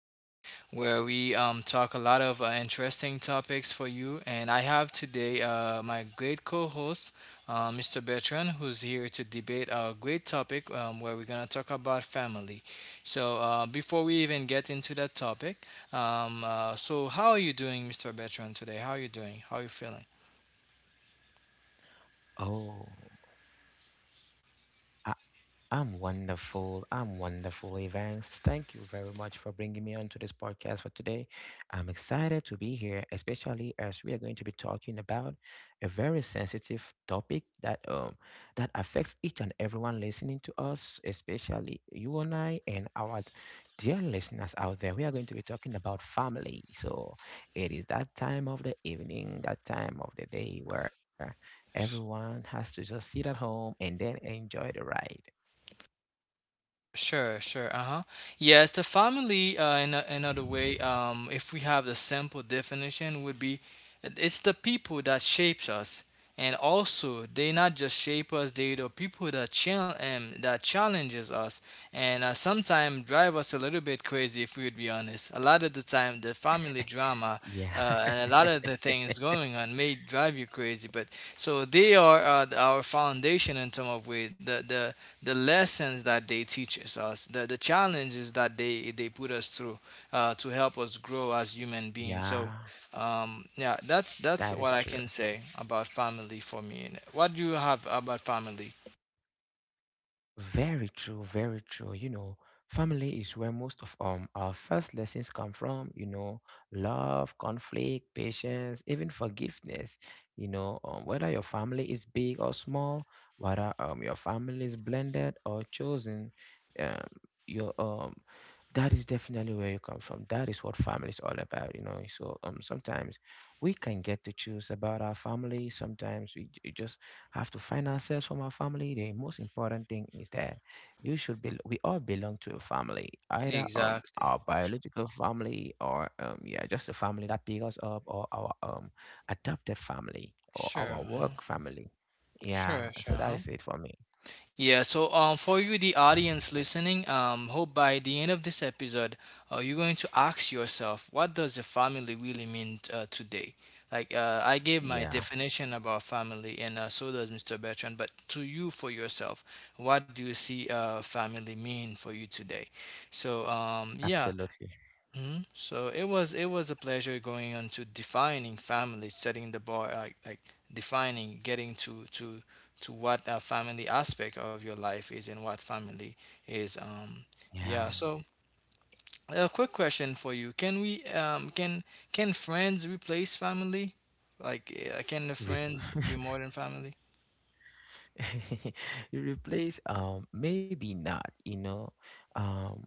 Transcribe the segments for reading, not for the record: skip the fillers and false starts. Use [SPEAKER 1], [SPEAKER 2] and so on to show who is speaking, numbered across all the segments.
[SPEAKER 1] team, where we talk a lot of interesting topics for you. And I have today my great co host, Mr. Bertrand, who's here to debate a great topic where we're going to talk about family. So, before we even get into that topic, so how are you doing, Mr. Bertrand, today? How are you doing? How are you feeling?
[SPEAKER 2] Oh, I, I'm wonderful. I'm wonderful, Evans. Thank you very much for bringing me onto this podcast for today. I'm excited to be here, especially as we are going to be talking about a very sensitive topic that that affects each and everyone listening to us, especially you and I and our dear listeners out there. We are going to be talking about family. So it is that time of the evening, that time of the day where everyone has to just sit at home and then enjoy the ride.
[SPEAKER 1] Sure, sure. Uh-huh. Yes, the family, in another way, if we have the simple definition, would be it's the people that shapes us. And also, they not just shape us, they the people that chal that challenges us and sometimes drive us a little bit crazy if we would be honest. A lot of the time, the family drama
[SPEAKER 2] Yeah.
[SPEAKER 1] and a lot of the things going on may drive you crazy. But so they are our foundation in some of way. The the lessons that they teaches us, the challenges that they, put us through to help us grow as human beings. So,
[SPEAKER 2] Yeah,
[SPEAKER 1] yeah, that's
[SPEAKER 2] that
[SPEAKER 1] what
[SPEAKER 2] is
[SPEAKER 1] I
[SPEAKER 2] true.
[SPEAKER 1] can say about family for me. What do you have about family?
[SPEAKER 2] Very true, very true. You know, family is where most of our first lessons come from, love, conflict, patience, even forgiveness. Whether your family is big or small, whether your family is blended or chosen, um your that is definitely where you come from. That is what family is all about, So sometimes we can get to choose about our family. Sometimes just have to find ourselves from our family. The most important thing is that you should be. We all belong to a family, either
[SPEAKER 1] Exactly.
[SPEAKER 2] our biological family or yeah, just the family that pick us up, or our adopted family or our
[SPEAKER 1] Sure.
[SPEAKER 2] work family. Yeah,
[SPEAKER 1] Sure.
[SPEAKER 2] so
[SPEAKER 1] Sure,
[SPEAKER 2] that is
[SPEAKER 1] huh?
[SPEAKER 2] it for me.
[SPEAKER 1] Yeah, so for you, the audience listening, hope by the end of this episode, you're going to ask yourself, what does a family really mean today? Like, I gave my
[SPEAKER 2] Yeah,
[SPEAKER 1] definition about family, and so does Mr. Bertrand, but to you, for yourself, what do you see family mean for you today? So, yeah.
[SPEAKER 2] absolutely.
[SPEAKER 1] Mhm. So it was a pleasure going on to defining family, setting the bar, like defining, getting to what a family aspect of your life is and what family is. Yeah.
[SPEAKER 2] Yeah.
[SPEAKER 1] So a quick question for you: Can we can friends replace family? Like, can the
[SPEAKER 2] Re-
[SPEAKER 1] friends be more than family?
[SPEAKER 2] you replace maybe not, you know. Um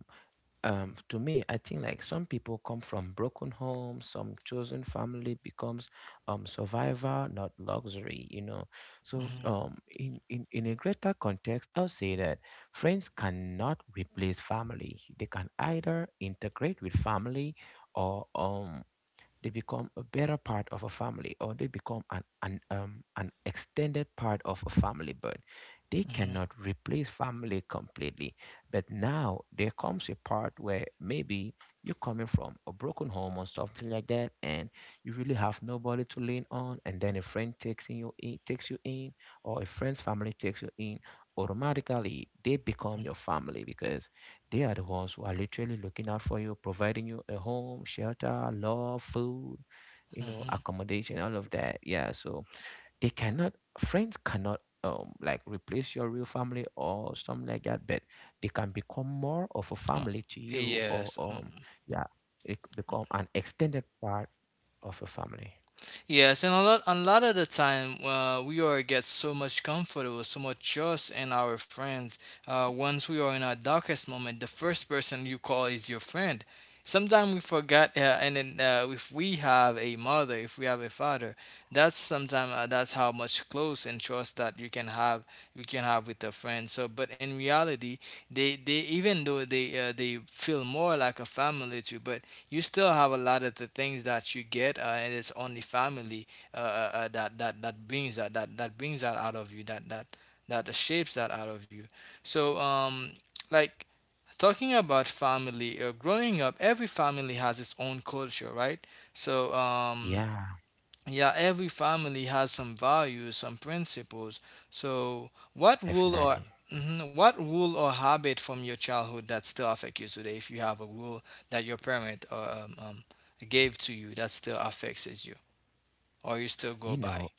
[SPEAKER 2] to me, I think like some people come from broken homes, some chosen family becomes survivor, not luxury, you know. So
[SPEAKER 1] Mm-hmm.
[SPEAKER 2] in a greater context, I'll say that friends cannot replace family. They can either integrate with family or they become a better part of a family or they become an extended part of a family, but they
[SPEAKER 1] Hmm.
[SPEAKER 2] cannot replace family completely. But now there comes a part where maybe you're coming from a broken home or something like that and you really have nobody to lean on, and then a friend takes you in or a friend's family takes you in. Automatically they become your family because they are the ones who are literally looking out for you, providing you a home, shelter, love, food, you know, accommodation, all of that. Yeah. So they cannot, friends cannot like replace your real family or something like that, but they can become more of a
[SPEAKER 1] Uh,
[SPEAKER 2] family to you, or
[SPEAKER 1] yes.
[SPEAKER 2] yeah, it could become an extended part of a family.
[SPEAKER 1] Yes, and a lot of the time, we are get so much comfortable, so much trust in our friends. Once we are in our darkest moment, the first person you call is your friend. Sometimes we forgot, and then if we have a mother, if we have a father, that's sometimes that's how much close and trust that you can have with a friend. So, but in reality, they even though they feel more like a family too, but you still have a lot of the things that you get, and it's only family that that brings that, that brings that out of you, that that shapes that out of you. So, like talking about family, growing up, every family has its own culture, right? So,
[SPEAKER 2] Yeah,
[SPEAKER 1] yeah, every family has some values, some principles. So, what rule or
[SPEAKER 2] definitely.
[SPEAKER 1] Mhm, what rule or habit from your childhood that still affect you today? If you have a rule that your parent or gave to you that still affects you, or you still go
[SPEAKER 2] You
[SPEAKER 1] by?
[SPEAKER 2] know,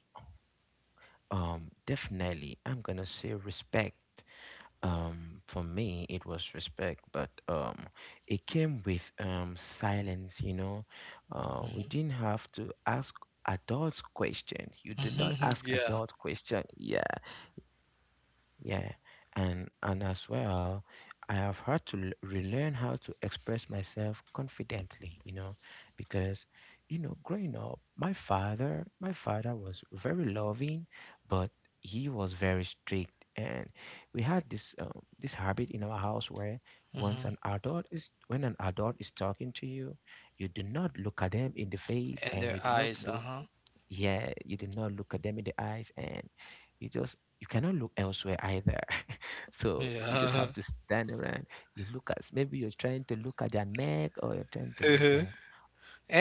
[SPEAKER 2] definitely I'm gonna say respect. For me, it was respect, but it came with silence. You know, we didn't have to ask adults questions. You do not ask
[SPEAKER 1] Yeah.
[SPEAKER 2] adult question. Yeah, yeah, and as well, I have had to relearn how to express myself confidently, you know, because you know, growing up, my father was very loving, but he was very strict, and we had this habit in our house where once
[SPEAKER 1] Hmm.
[SPEAKER 2] an adult is when an adult is talking to you, you do not look at them in the face,
[SPEAKER 1] And
[SPEAKER 2] and
[SPEAKER 1] their
[SPEAKER 2] you do not
[SPEAKER 1] eyes. Uh
[SPEAKER 2] look.
[SPEAKER 1] huh.
[SPEAKER 2] Yeah, you do not look at them in the eyes, and you just you cannot look elsewhere either. So you just
[SPEAKER 1] Yeah.
[SPEAKER 2] have to stand around. You look at maybe you're trying to look at their neck or you're trying to look
[SPEAKER 1] Uh-huh.
[SPEAKER 2] at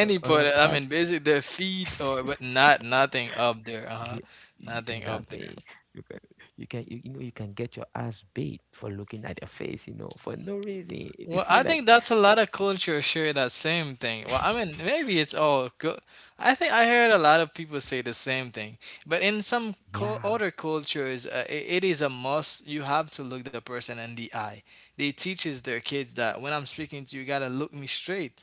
[SPEAKER 2] other
[SPEAKER 1] part. I
[SPEAKER 2] parts.
[SPEAKER 1] mean, basically their feet or but not nothing up there. Uh huh.
[SPEAKER 2] you,
[SPEAKER 1] Nothing up there.
[SPEAKER 2] Nothing. You can you you know, you can get your ass beat for looking at their face. You know, for no reason. You
[SPEAKER 1] Well,
[SPEAKER 2] feel
[SPEAKER 1] I
[SPEAKER 2] like
[SPEAKER 1] think that's a lot of cultures share that same thing. Well, I mean, maybe it's all good. I think I heard a lot of people say the same thing, but in some cul
[SPEAKER 2] yeah,
[SPEAKER 1] other cultures, it is a must. You have to look the person in the eye. They teaches their kids that when I'm speaking to you, you gotta look me straight.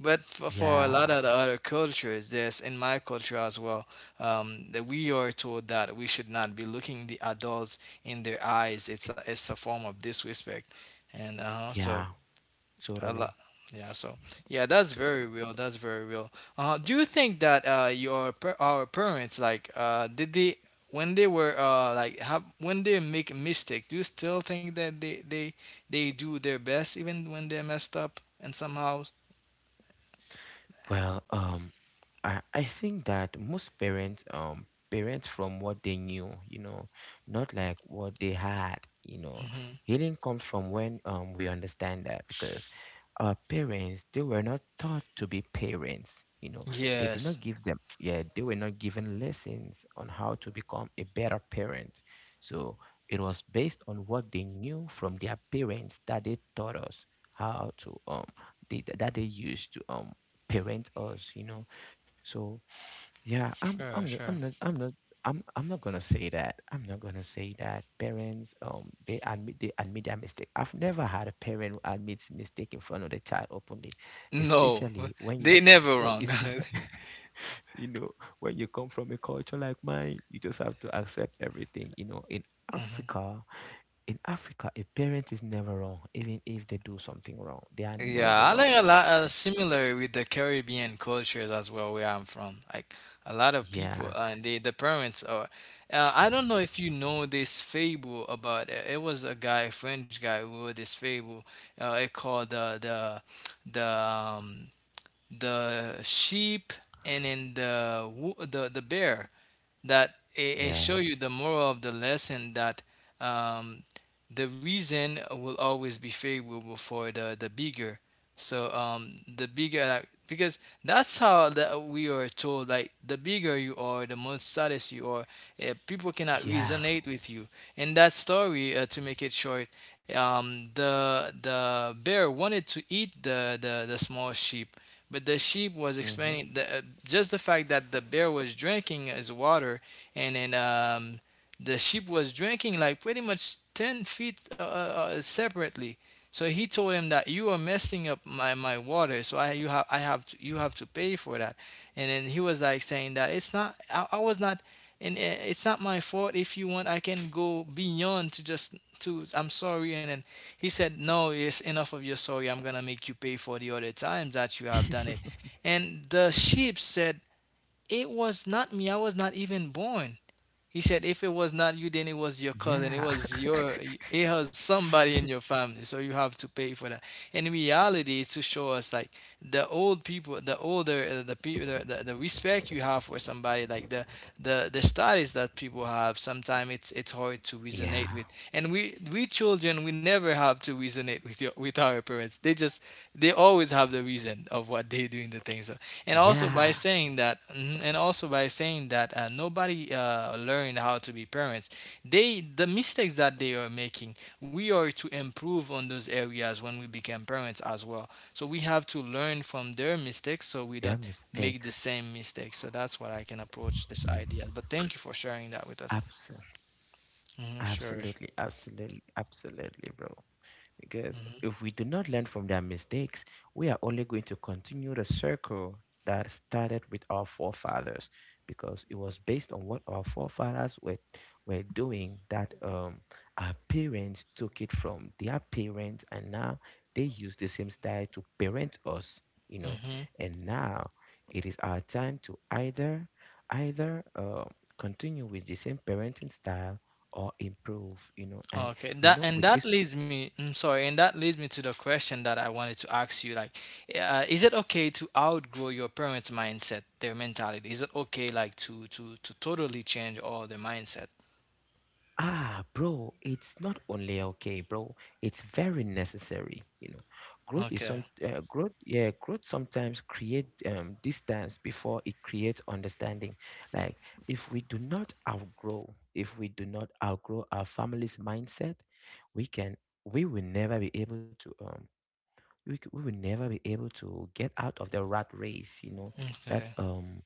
[SPEAKER 1] But for a
[SPEAKER 2] yeah,
[SPEAKER 1] lot of the other cultures, there's in my culture as well, that we are told that we should not be looking the adults in their eyes. It's it's a form of disrespect, and so
[SPEAKER 2] yeah,
[SPEAKER 1] a
[SPEAKER 2] totally,
[SPEAKER 1] lot. Yeah, so yeah, that's very
[SPEAKER 2] totally.
[SPEAKER 1] real. That's very real. Do you think that your our parents like did they when they were like have, when they make a mistake? Do you still think that they do their best even when they messed up and somehow?
[SPEAKER 2] Well, I think that most parents from what they knew, you know, not like what they had, you know.
[SPEAKER 1] Hmm.
[SPEAKER 2] Healing comes from when we understand that because our parents they were not taught to be parents, you know. They did
[SPEAKER 1] Yes,
[SPEAKER 2] not give them yeah, they were not given lessons on how to become a better parent. So it was based on what they knew from their parents that they taught us how to that they used to parent us, you know. So yeah, I'm go-
[SPEAKER 1] sure,
[SPEAKER 2] I'm
[SPEAKER 1] sure.
[SPEAKER 2] not I'm not I'm I'm not gonna say that. I'm not gonna say that parents they admit their mistake. I've never had a parent who admits mistake in front of the child openly,
[SPEAKER 1] No,
[SPEAKER 2] especially when you
[SPEAKER 1] they never
[SPEAKER 2] when
[SPEAKER 1] wrong.
[SPEAKER 2] especially you know when you come from a culture like mine, you just have to accept everything. You know, Africa, in Africa, a parent is never wrong, even if they do something wrong. They are never
[SPEAKER 1] Yeah, I
[SPEAKER 2] wrong.
[SPEAKER 1] think a lot
[SPEAKER 2] Eh,
[SPEAKER 1] similar with the Caribbean cultures as well, where I'm from. Like a lot of people,
[SPEAKER 2] yeah,
[SPEAKER 1] and the parents are. I don't know if you know this fable about it. It was a guy, a French guy, who wrote this fable. It called the um, the sheep and then the the bear that it show
[SPEAKER 2] yeah.
[SPEAKER 1] you the moral of the lesson that um, the reason will always be favorable for the bigger. So the bigger like, because that's how that we are told like the bigger you are, the more status you are. People cannot
[SPEAKER 2] Yeah.
[SPEAKER 1] resonate with you. In that story, to make it short, the bear wanted to eat the small sheep, but the sheep was
[SPEAKER 2] Hmm.
[SPEAKER 1] explaining the, just the fact that the bear was drinking his water, and then the sheep was drinking like pretty much 10 feet separately. So he told him that you are messing up my water, so I have to you have to pay for that, and then he was like saying that it's not I was not and it's not my fault if you want I can go beyond to just to I'm sorry. And then he said, no, it's enough of your sorry. I'm going to make you pay for the other times that you have done it. And the sheep said, it was not me. I was not even born. He said, if it was not you, then it was your
[SPEAKER 2] Yeah.
[SPEAKER 1] cousin. It was somebody in your family. So you have to pay for that. In reality, it's to show us like the old people, the older, the people, the respect you have for somebody, like the status that people have, sometimes it's hard to resonate with.
[SPEAKER 2] Yeah.
[SPEAKER 1] And we children, we never have to resonate with with our parents. They just, they always have the reason of what they're doing the things and also by
[SPEAKER 2] Yeah.
[SPEAKER 1] saying that mhm, and also by saying that nobody learned how to be parents, they the mistakes that they are making we are to improve on those areas when we become parents as well. So we have to learn from their mistakes so we don't
[SPEAKER 2] Their
[SPEAKER 1] make the
[SPEAKER 2] mistakes.
[SPEAKER 1] same mistakes. So that's what I can approach this idea, but thank you for sharing that with us.
[SPEAKER 2] Abs-
[SPEAKER 1] Hmm. Sure.
[SPEAKER 2] Absolutely, absolutely, absolutely, bro. Because if we do not learn from their mistakes, we are only going to continue the circle that started with our forefathers, because it was based on what our forefathers were doing that our parents took it from their parents, and now they use the same style to parent us, you know.
[SPEAKER 1] Hmm.
[SPEAKER 2] And now it is our time to either either um continue with the same parenting style or improve, you know. And
[SPEAKER 1] Okay,
[SPEAKER 2] you
[SPEAKER 1] that
[SPEAKER 2] know,
[SPEAKER 1] and
[SPEAKER 2] with
[SPEAKER 1] that
[SPEAKER 2] this,
[SPEAKER 1] leads me. I'm sorry, and that leads me to the question that I wanted to ask you. Like, is it okay to outgrow your parents' mindset, their mentality? Is it okay, like, to totally change all their mindset?
[SPEAKER 2] ah bro, it's not only okay, bro, it's very necessary, you know.
[SPEAKER 1] Okay,
[SPEAKER 2] Growth, yeah, growth sometimes create distance before it creates understanding. Like if we do not outgrow, if we do not outgrow our family's mindset, we can we will never be able to we will never be able to get out of the rat race, you know. That
[SPEAKER 1] okay,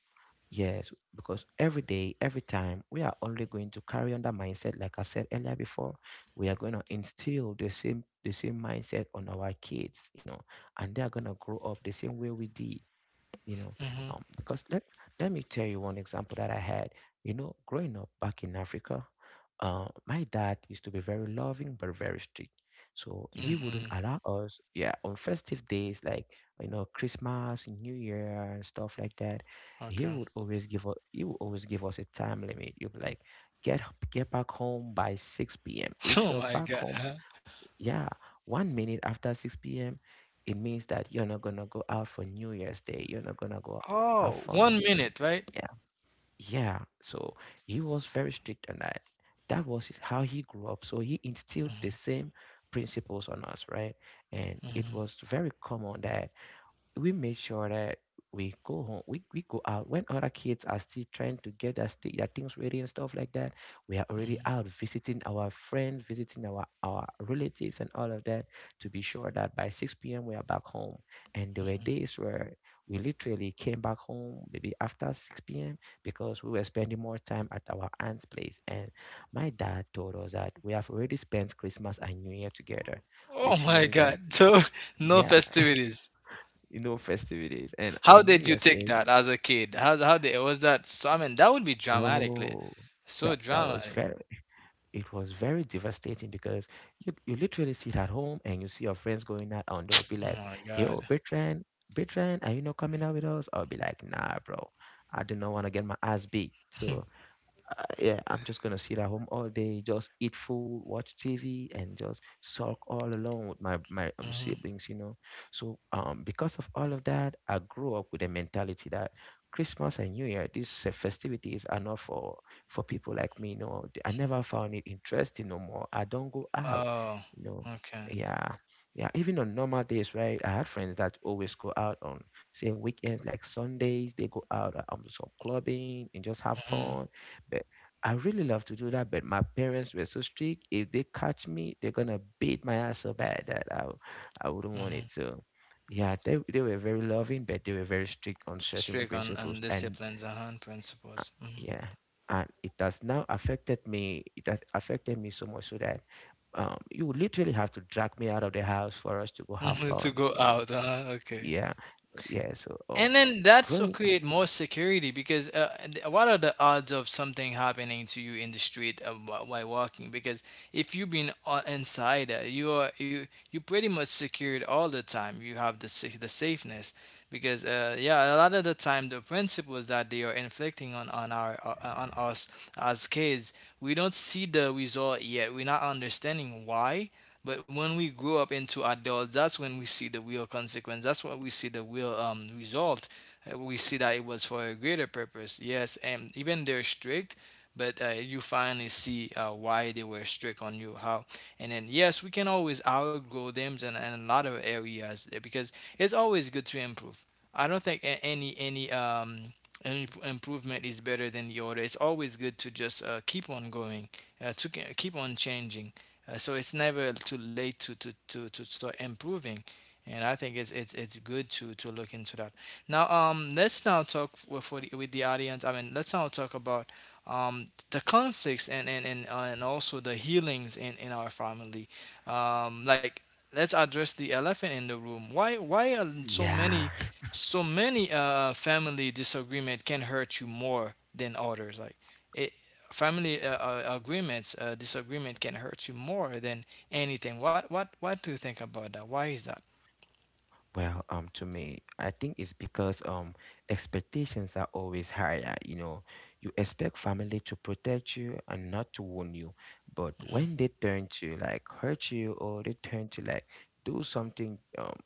[SPEAKER 2] Yes, because every day, every time, we are only going to carry on that mindset. Like I said earlier before, we are going to instill the same mindset on our kids, you know, and they are going to grow up the same way we did, you know.
[SPEAKER 1] mhm,
[SPEAKER 2] Um, because let let me tell you one example that I had. You know, growing up back in Africa, my dad used to be very loving but very strict. So he wouldn't
[SPEAKER 1] mhm,
[SPEAKER 2] allow us, yeah, on festive days, like you know, Christmas, New Year and stuff like that,
[SPEAKER 1] okay.
[SPEAKER 2] he would always give us a time limit. You'd be like, get back home by 6 p.m. If
[SPEAKER 1] Oh
[SPEAKER 2] you're
[SPEAKER 1] my
[SPEAKER 2] back
[SPEAKER 1] God!
[SPEAKER 2] home,
[SPEAKER 1] Huh?
[SPEAKER 2] yeah, 1 minute after 6 p.m., it means that you're not gonna go out for New Year's Day. You're not gonna go have
[SPEAKER 1] Oh,
[SPEAKER 2] fun on
[SPEAKER 1] one
[SPEAKER 2] New Year.
[SPEAKER 1] minute, right?
[SPEAKER 2] Yeah, yeah. So he was very strict on that. That was how he grew up. So he instilled the
[SPEAKER 1] Mhm,
[SPEAKER 2] same principles on us, right? And it
[SPEAKER 1] mhm,
[SPEAKER 2] was very common that we made sure that we go home, we go out when other kids are still trying to get their things ready and stuff like that. We are already
[SPEAKER 1] mhm.
[SPEAKER 2] out visiting our friends, visiting our relatives, and all of that, to be sure that by 6 p.m. we are back home. And there were days where we literally came back home maybe after 6 p.m. because we were spending more time at our aunt's place. And my dad told us that we have already spent Christmas and New Year together,
[SPEAKER 1] Oh
[SPEAKER 2] which
[SPEAKER 1] my
[SPEAKER 2] means that.
[SPEAKER 1] God! So no
[SPEAKER 2] Yeah,
[SPEAKER 1] festivities.
[SPEAKER 2] you know, festivities. And
[SPEAKER 1] How
[SPEAKER 2] on New
[SPEAKER 1] did you
[SPEAKER 2] Year's
[SPEAKER 1] take
[SPEAKER 2] Day,
[SPEAKER 1] that as a kid? How did was that? So I mean, that would be dramatically,
[SPEAKER 2] bro,
[SPEAKER 1] so
[SPEAKER 2] that that was
[SPEAKER 1] dramatic.
[SPEAKER 2] very it was very devastating because you literally sit at home and you see your friends going out and they'll be
[SPEAKER 1] Oh
[SPEAKER 2] like,
[SPEAKER 1] my God.
[SPEAKER 2] Yo, Bertrand, Bertrand, are you not coming out with us? I'll be like, nah, bro. I do not want to get my ass beat. So yeah, I'm just gonna sit at home all day, just eat food, watch TV, and just sulk all alone with my
[SPEAKER 1] Hmm.
[SPEAKER 2] siblings, you know. So because of all of that, I grew up with a mentality that Christmas and New Year, these festivities are not for for people like me. You know, I never found it interesting no more. I don't go out,
[SPEAKER 1] Oh,
[SPEAKER 2] you know.
[SPEAKER 1] okay.
[SPEAKER 2] Yeah, yeah. Even on normal days, right? I had friends that always go out on say weekends, like Sundays. They go out some clubbing and just have
[SPEAKER 1] Hmm.
[SPEAKER 2] fun but. I really love to do that, but my parents were so strict. If they catch me, they're gonna beat my ass so bad that I wouldn't want it.
[SPEAKER 1] Hmm.
[SPEAKER 2] So, yeah, they were very loving, but they were very strict on certain
[SPEAKER 1] Strict
[SPEAKER 2] principles.
[SPEAKER 1] on
[SPEAKER 2] And
[SPEAKER 1] disciplines, uh-huh, and
[SPEAKER 2] uh,
[SPEAKER 1] principles.
[SPEAKER 2] yeah, and it has now affected me. It has affected me so much so that you would literally have to drag me out of the house for us to go have
[SPEAKER 1] Hmm. To
[SPEAKER 2] fun.
[SPEAKER 1] go
[SPEAKER 2] You know?
[SPEAKER 1] out, uh-huh, okay.
[SPEAKER 2] Yeah, yeah. So
[SPEAKER 1] And then that's what
[SPEAKER 2] growing,
[SPEAKER 1] create more security because what are the odds of something happening to you in the street while walking? Because if you've been inside, you are you pretty much secured all the time. You have the the safeness because yeah, a lot of the time the principles that they are inflicting on our on us as kids, we don't see the result yet. We're not understanding why. But when we grow up into adults, that's when we see the real consequence. That's when we see the real result. We see that it was for a greater purpose. Yes, and even they're strict, but you finally see why they were strict on you. How and then yes, we can always outgrow them in a lot of areas because it's always good to improve. I don't think any improvement is better than the other. It's always good to just keep on going, keep on changing. So it's never too late to start improving. And I think it's good to look into that. Now, let's now talk with the audience. I mean, let's now talk about the conflicts and also the healings in our family. Um, like, let's address the elephant in the room. Why are so
[SPEAKER 2] yeah.
[SPEAKER 1] many so many family disagreement can hurt you more than others like it disagreement can hurt you more than anything. What do you think about that? Why is that?
[SPEAKER 2] Well, to me, I think it's because expectations are always higher. You know, you expect family to protect you and not to wound you, but
[SPEAKER 1] hmm
[SPEAKER 2] when they turn to like hurt you or they turn to like do something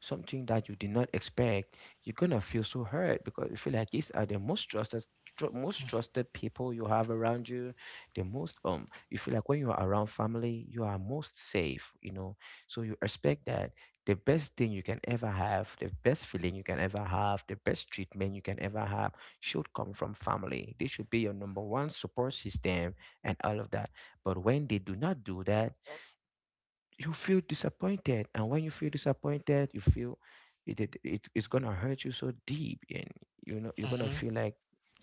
[SPEAKER 2] something that you did not expect, you're gonna feel so hurt because you feel like these are the most trusted most trusted people you have around you the most you feel like when you are around family you are most safe, you know, so you expect that the best thing you can ever have, the best feeling you can ever have, the best treatment you can ever have should come from family. They should be your number one support system and all of that. But when they do not do that, you feel disappointed, and when you feel disappointed you feel it's gonna hurt you so deep, and you know you're gonna
[SPEAKER 1] hmm
[SPEAKER 2] feel like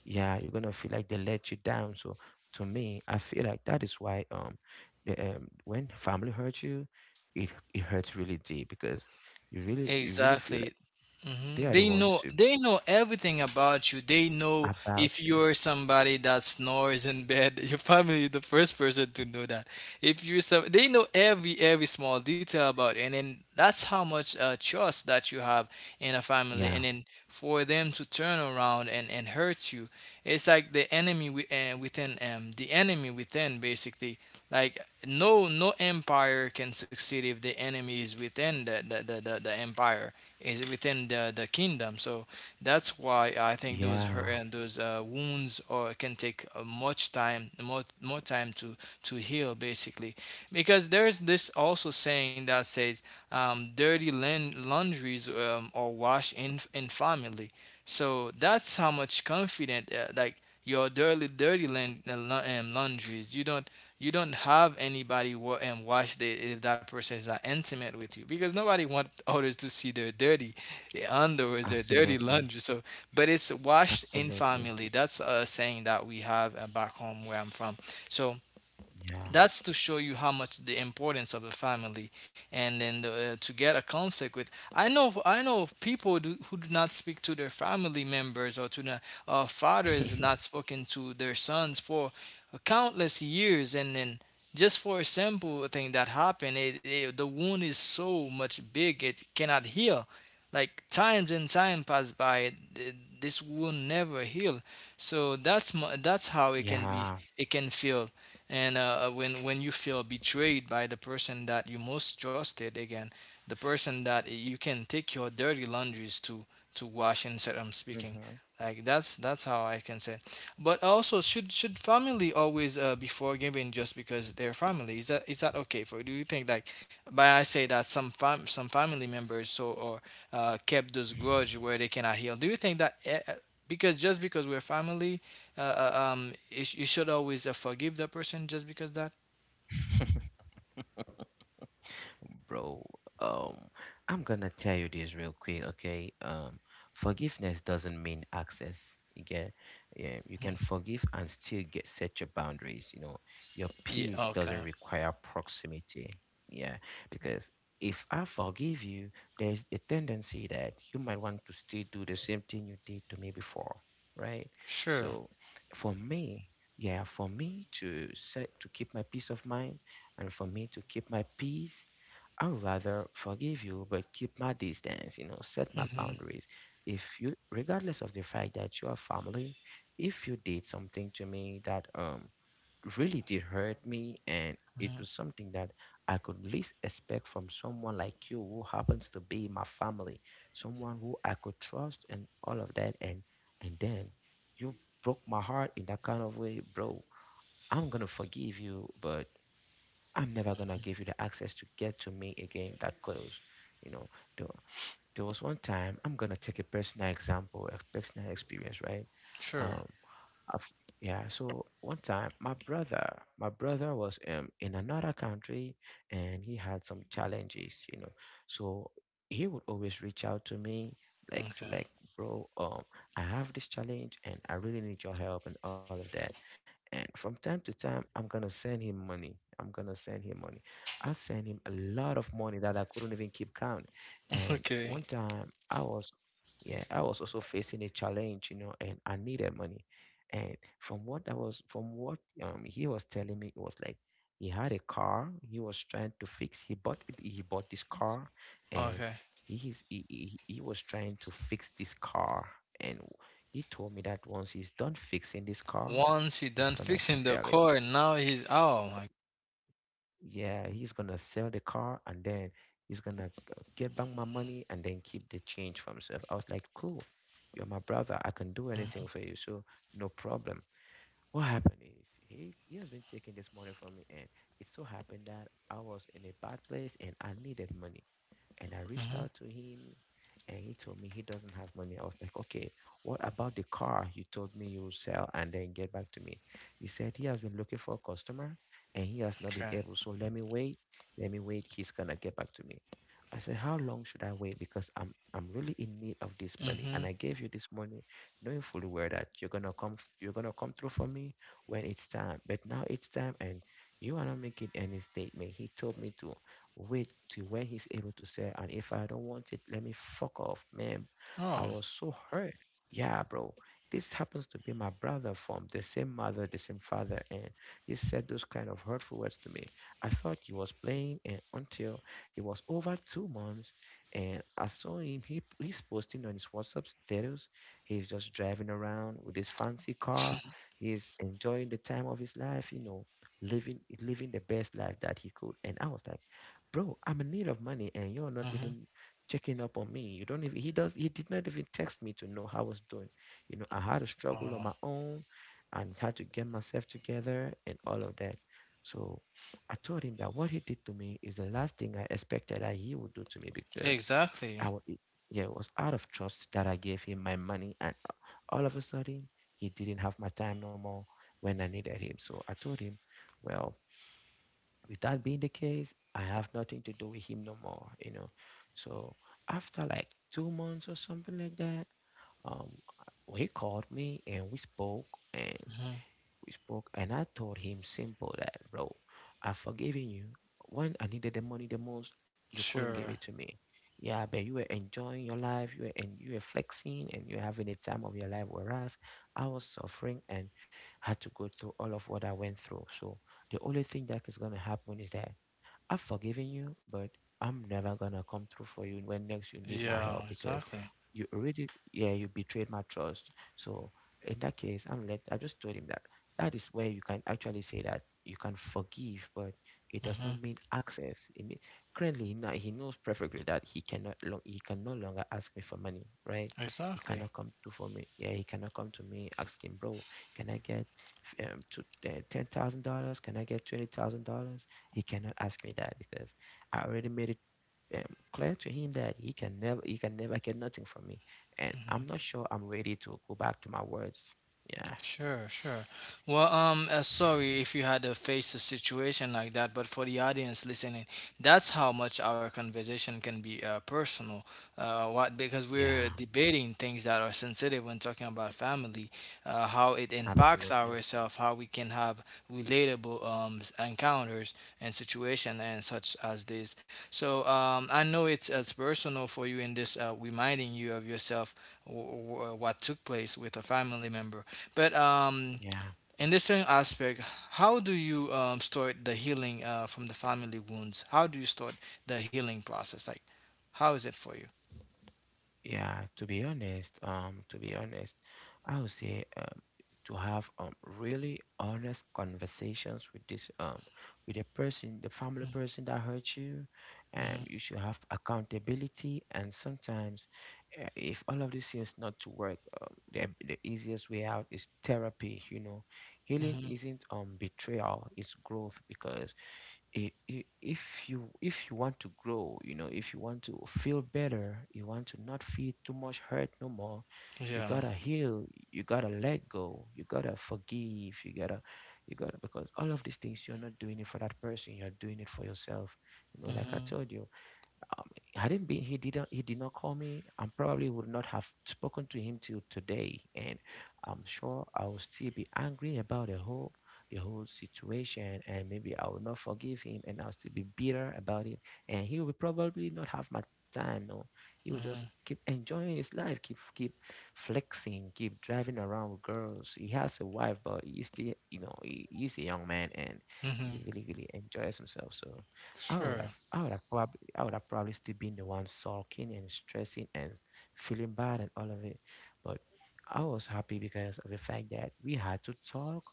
[SPEAKER 2] yeah, you're gonna feel like they let you down. So to me I feel like that is why when family hurts you it hurts really deep because you really feel
[SPEAKER 1] Exactly.
[SPEAKER 2] like they
[SPEAKER 1] Mhm.
[SPEAKER 2] are the ones to
[SPEAKER 1] They know everything about you. They know if
[SPEAKER 2] about you.
[SPEAKER 1] you're somebody that snores in bed, you're probably the first person to know that. If you're some, They know every small detail about, you. And then that's how much trust that you have in a family. And
[SPEAKER 2] Yeah,
[SPEAKER 1] then for them to turn around and hurt you, it's like the enemy within, the enemy within, basically. Like no, no empire can succeed if the enemy is within the empire is within the kingdom. So that's why I think those hurt
[SPEAKER 2] yeah,
[SPEAKER 1] and those wounds or can take much time, more time to heal, basically, because there is this also saying that says, dirty laundries are washed in family. So that's how much confident, your dirty laundries. You don't have anybody if that person is not intimate with you, because nobody wants others to see their dirty underwear, their dirty laundry. So,
[SPEAKER 2] absolutely,
[SPEAKER 1] but it's washed in family.
[SPEAKER 2] absolutely,
[SPEAKER 1] That's a saying that we have back home where I'm from. So that's to
[SPEAKER 2] yeah.
[SPEAKER 1] show you how much the importance of a family, and then to get a conflict with, I know of who do not speak to their family members or to the fathers not spoken to their sons for countless years, and then just for a simple thing that happened, the wound is so much big it cannot heal. Like times and time pass by, this wound never heal. So that's how it can be, it can
[SPEAKER 2] Yeah.
[SPEAKER 1] feel. And when you feel betrayed by the person that you most trusted again, the person that you can take your dirty laundries to wash and said I'm speaking, like
[SPEAKER 2] Mhm.
[SPEAKER 1] that's how I can say. But also should family always be forgiving just because they're family? Is that okay for you? Do you think, like by I say that some family members so or kept those grudge where they cannot heal. Do you think that because just because we're family you, you should always forgive the person just because that?
[SPEAKER 2] Bro, um, I'm gonna tell you this real quick, okay? Forgiveness doesn't mean access. You get, yeah, you can forgive and still get set your boundaries. You know, your
[SPEAKER 1] yeah
[SPEAKER 2] peace
[SPEAKER 1] okay
[SPEAKER 2] doesn't require proximity. Yeah, because if I forgive you, there's a tendency that you might want to still do the same thing you did to me before, right?
[SPEAKER 1] sure
[SPEAKER 2] So, for me, yeah, for me to set to keep my peace of mind. And for me to keep my peace, I'd rather forgive you, but keep my distance, you know, set my
[SPEAKER 1] mm-hmm.
[SPEAKER 2] boundaries. If you, regardless of the fact that you are family, if you did something to me that really did hurt me and it
[SPEAKER 1] hmm
[SPEAKER 2] was something that I could least expect from someone like you who happens to be my family, someone who I could trust and all of that and then you broke my heart in that kind of way, bro. I'm gonna forgive you, but I'm never gonna give you the access to get to me again that close. You know, there, there was one time, I'm gonna take a personal example, a personal experience, right?
[SPEAKER 1] sure
[SPEAKER 2] Um, I've, yeah. So one time, my brother was in another country, and he had some challenges, you know. So he would always reach out to me, like to like,
[SPEAKER 1] okay
[SPEAKER 2] bro, I have this challenge, and I really need your help and all of that. And from time to time, I'm gonna send him money. I'm gonna send him money. I sent him a lot of money that I couldn't even keep count. And
[SPEAKER 1] okay
[SPEAKER 2] one time, yeah, I was also facing a challenge, you know, and I needed money. And from what he was telling me, it was like he had a car. He was trying to fix. He bought it. He bought this car, and
[SPEAKER 1] okay
[SPEAKER 2] he's, he was trying to fix this car. And he told me that once he's done fixing this car,
[SPEAKER 1] Once he
[SPEAKER 2] he's
[SPEAKER 1] done
[SPEAKER 2] gonna
[SPEAKER 1] fixing the
[SPEAKER 2] sell it.
[SPEAKER 1] car now he's, oh my.
[SPEAKER 2] Yeah, he's gonna sell the car and then he's gonna get back my money and then keep the change for himself. I was like, cool, you're my brother. I can do anything for
[SPEAKER 1] mm-hmm.
[SPEAKER 2] you. So no problem. What happened is he has been taking this money from me, and it so happened that I was in a bad place and I needed money, and I reached
[SPEAKER 1] Mm-hmm.
[SPEAKER 2] out to him, and he told me he doesn't have money. I was like, okay, what about the car you told me you will sell and then get back to me? He said he has been looking for a customer and he has not been
[SPEAKER 1] okay
[SPEAKER 2] able. So let me wait. He's gonna get back to me. I said, how long should I wait? Because I'm really in need of this money,
[SPEAKER 1] mm-hmm.
[SPEAKER 2] and I gave you this money knowing fully well that you're gonna come through for me when it's time. But now it's time and you are not making any statement. He told me to wait till when he's able to say, and if I don't want it, let me fuck off, man. I
[SPEAKER 1] oh
[SPEAKER 2] was so hurt. Yeah, bro. This happens to be my brother from the same mother, the same father, and he said those kind of hurtful words to me. I thought he was playing, and until it was over 2 months, and I saw him. He's posting on his WhatsApp status. He's just driving around with his fancy car. He's enjoying the time of his life, you know, living the best life that he could. And I was like, bro, I'm in need of money and you're not
[SPEAKER 1] mm-hmm.
[SPEAKER 2] even checking up on me. You don't even he does he did not even text me to know how I was doing. You know, I had a struggle on
[SPEAKER 1] oh
[SPEAKER 2] my own and had to get myself together and all of that. So I told him that what he did to me is the last thing I expected that he would do to me because I
[SPEAKER 1] exactly.
[SPEAKER 2] was yeah, it was out of trust that I gave him my money, and all of a sudden, he didn't have my time no more when I needed him. So I told him, well, with that being the case, I have nothing to do with him no more, you know. So after like 2 months or something like that, um, he called me and we spoke, and
[SPEAKER 1] mm-hmm.
[SPEAKER 2] and I told him simple that, bro, I've forgiven you. When I needed the money the most, you couldn't give
[SPEAKER 1] sure
[SPEAKER 2] it to me. Yeah, but you were enjoying your life, you were flexing, and you're having a time of your life. Whereas I was suffering and had to go through all of what I went through. So the only thing that is gonna happen is that I've forgiven you, but I'm never gonna come through for you when next you need my
[SPEAKER 1] yeah
[SPEAKER 2] help because
[SPEAKER 1] exactly.
[SPEAKER 2] you already, yeah, you betrayed my trust. So in that case, I'm let. I just told him that that is where you can actually say that you can forgive, but it does
[SPEAKER 1] mm-hmm.
[SPEAKER 2] not mean access. It mean, currently now he knows perfectly that he can no longer ask me for money, right? He
[SPEAKER 1] exactly
[SPEAKER 2] cannot come to for me. Yeah, he cannot come to me asking, bro, can I get f- to $10,000? Can I get $20,000? He cannot ask me that because I already made it clear to him that he can never get nothing from me, and I'm not sure I'm ready to go back to my words. Yeah,
[SPEAKER 1] Sure, sure. Well, sorry if you had to face a situation like that, but for the audience listening, that's how much our conversation can be personal. What Because
[SPEAKER 2] yeah,
[SPEAKER 1] we're debating things that are sensitive when talking about family, how it impacts
[SPEAKER 2] absolutely.
[SPEAKER 1] ourselves, how we can have relatable encounters and situation and such as this. So, I know it's as personal for you in this reminding you of yourself what took place with a family member. But
[SPEAKER 2] Yeah.
[SPEAKER 1] in this same aspect, how do you start the healing from the family wounds? How do you start the healing process? Like, how is it for you?
[SPEAKER 2] Yeah, to be honest, I would say to have really honest conversations with this with the person, the family person that hurt you,
[SPEAKER 1] hmm
[SPEAKER 2] you should have accountability. And sometimes, if all of this seems not to work, the easiest way out is therapy. You know, healing
[SPEAKER 1] hmm
[SPEAKER 2] isn't betrayal; it's growth because if you want to grow, you know, if you want to feel better, you want to not feel too much hurt no more, you
[SPEAKER 1] Yeah.
[SPEAKER 2] gotta heal, you gotta let go, you gotta forgive, you gotta you gotta, because all of these things you're not doing it for that person, you're doing it for yourself, you know, like I
[SPEAKER 1] hmm
[SPEAKER 2] told you, um, had it been he did not call me, I probably would not have spoken to him till today, and I'm sure I will still be angry about the whole situation, and maybe I will not forgive him and I'll still be bitter about it, and he will probably not have my time no, he will just
[SPEAKER 1] hmm
[SPEAKER 2] keep enjoying his life, keep flexing, keep driving around with girls. He has a wife, but he's a young man and
[SPEAKER 1] hmm
[SPEAKER 2] he really really enjoys himself. So
[SPEAKER 1] Sure.
[SPEAKER 2] I would have probably still been the one sulking and stressing and feeling bad and all of it. But I was happy because of the fact that we had to talk,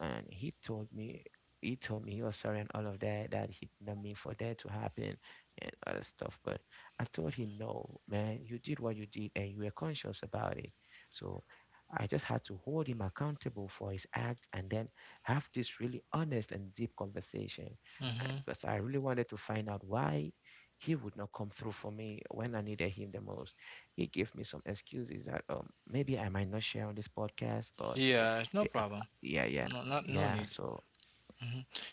[SPEAKER 2] and he told me he was sorry and all of that, that he did not mean for that to happen and other stuff. But I told him, no, man, you did what you did, and you were conscious about it. So I just had to hold him accountable for his act, and then have this really honest and deep conversation and
[SPEAKER 1] hmm
[SPEAKER 2] because I really wanted to find out why he would not come through for me when I needed him the most. He gave me some excuses that maybe I might not share on this podcast, but
[SPEAKER 1] Yeah. No problem.
[SPEAKER 2] yeah, yeah,
[SPEAKER 1] No, not no
[SPEAKER 2] yeah.
[SPEAKER 1] need.
[SPEAKER 2] So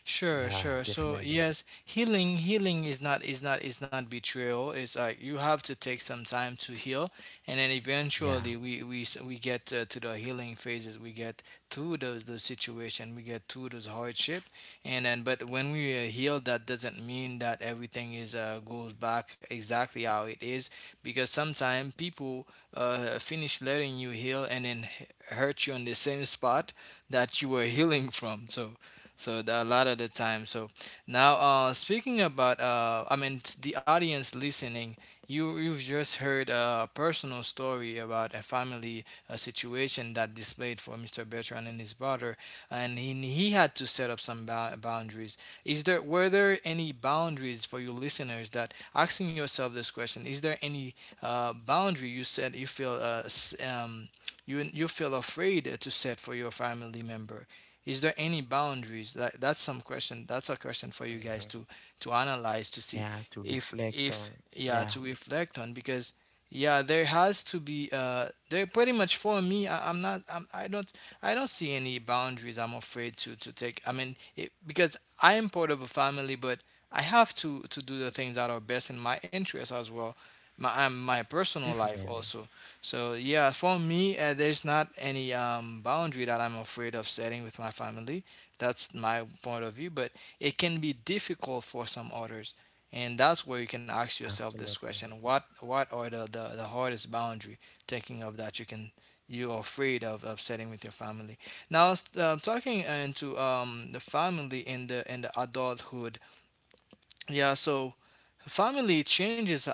[SPEAKER 1] Sure,
[SPEAKER 2] yeah,
[SPEAKER 1] sure. So
[SPEAKER 2] definitely.
[SPEAKER 1] yes, healing, healing is not betrayal. It's like you have to take some time to heal, and then
[SPEAKER 2] Yeah.
[SPEAKER 1] eventually we get to the healing phases. We get through those situation. We get through those hardship, and then but when we heal, that doesn't mean that everything is goes back exactly how it is, because sometimes people finish letting you heal and then hurt you on the same spot that you were healing from. So so the, a lot of the time. So now, speaking about, I mean, the audience listening, you you've just heard a personal story about a family, a situation that displayed for Mr. Bertrand and his brother, and he had to set up some boundaries. Is there Were there any boundaries for you listeners that asking yourself this question? Is there any boundary you said you feel you you feel afraid to set for your family member? Is there any boundaries? That's some question. That's a question for you
[SPEAKER 2] Hmm.
[SPEAKER 1] guys to analyze, to see
[SPEAKER 2] Yeah, to reflect on.
[SPEAKER 1] if yeah,
[SPEAKER 2] Yeah,
[SPEAKER 1] to reflect on, because yeah, there has to be, there pretty much for me, I'm not, I don't, I don't see any boundaries I'm afraid to take, I mean it, because I am part of a family, but I have to do the things that are best in my interest as well, my my personal life
[SPEAKER 2] definitely.
[SPEAKER 1] also. So yeah, for me, there's not any boundary that I'm afraid of setting with my family. That's my point of view. But it can be difficult for some others, and that's where you can ask yourself this
[SPEAKER 2] Absolutely.
[SPEAKER 1] question: What are the hardest boundary thinking of that you can you're afraid of setting with your family? Now, talking into the family in the adulthood, yeah, so family changes uh,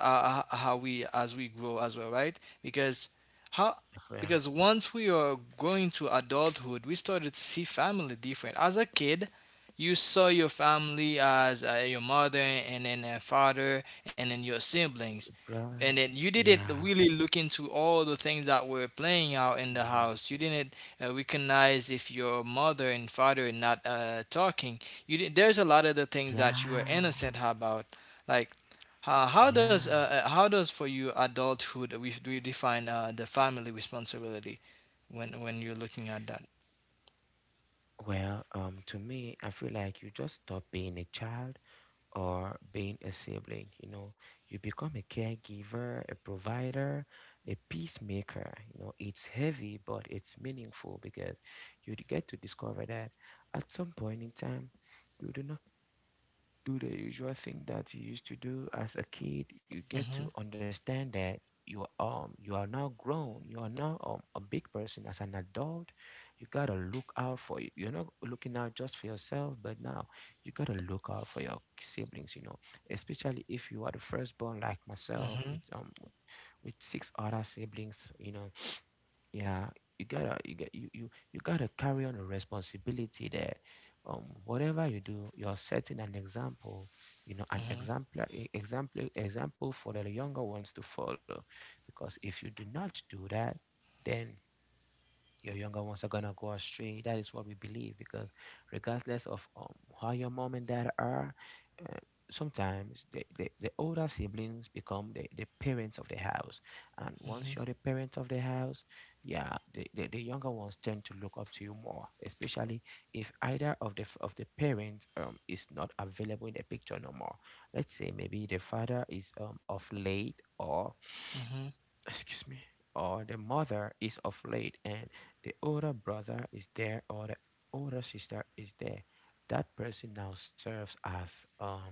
[SPEAKER 1] uh, how we as we grow as well, right? How
[SPEAKER 2] Yeah.
[SPEAKER 1] because once we are going to adulthood, we started to see family different. As a kid you saw your family as your mother and then a father and then your siblings,
[SPEAKER 2] Bruh,
[SPEAKER 1] and then you didn't
[SPEAKER 2] yeah.
[SPEAKER 1] really look into all the things that were playing out in the
[SPEAKER 2] Hmm.
[SPEAKER 1] house. You didn't recognize if your mother and father are not talking. There's a lot of the things that you are
[SPEAKER 2] Yeah.
[SPEAKER 1] innocent about, like
[SPEAKER 2] Yeah.
[SPEAKER 1] how does, for you, adulthood, we do define the family responsibility when you're looking at that?
[SPEAKER 2] Well, to me, I feel like you just stop being a child or being a sibling. You know, you become a caregiver, a provider, a peacemaker. You know, it's heavy, but it's meaningful because get to discover that at some point in time, you do not do the usual thing that you used to do as a kid. You get
[SPEAKER 1] hmm
[SPEAKER 2] to understand that you are now grown. You are now a big person as an adult. You gotta look out for you. You're not looking out just for yourself, but now you gotta look out for your siblings. You know, especially if you are the firstborn like myself
[SPEAKER 1] hmm
[SPEAKER 2] with six other siblings. You know, yeah, you gotta you get you, you you gotta carry on a responsibility there, whatever you do you're setting an example, you know, an
[SPEAKER 1] hmm
[SPEAKER 2] exemplar e- example example for the younger ones to follow. Because if you do not do that, then your younger ones are gonna go astray. That is what we believe because, regardless of how your mom and dad are, uh, sometimes the older siblings become the parents of the house. And once you're the parent of the house, yeah, the younger ones tend to look up to you more, especially if either of of the parents is not available in the picture no more. Let's say maybe the father is off late or
[SPEAKER 1] hmm
[SPEAKER 2] excuse me, or the mother is of late and the older brother is there or the older sister is there, that person now serves as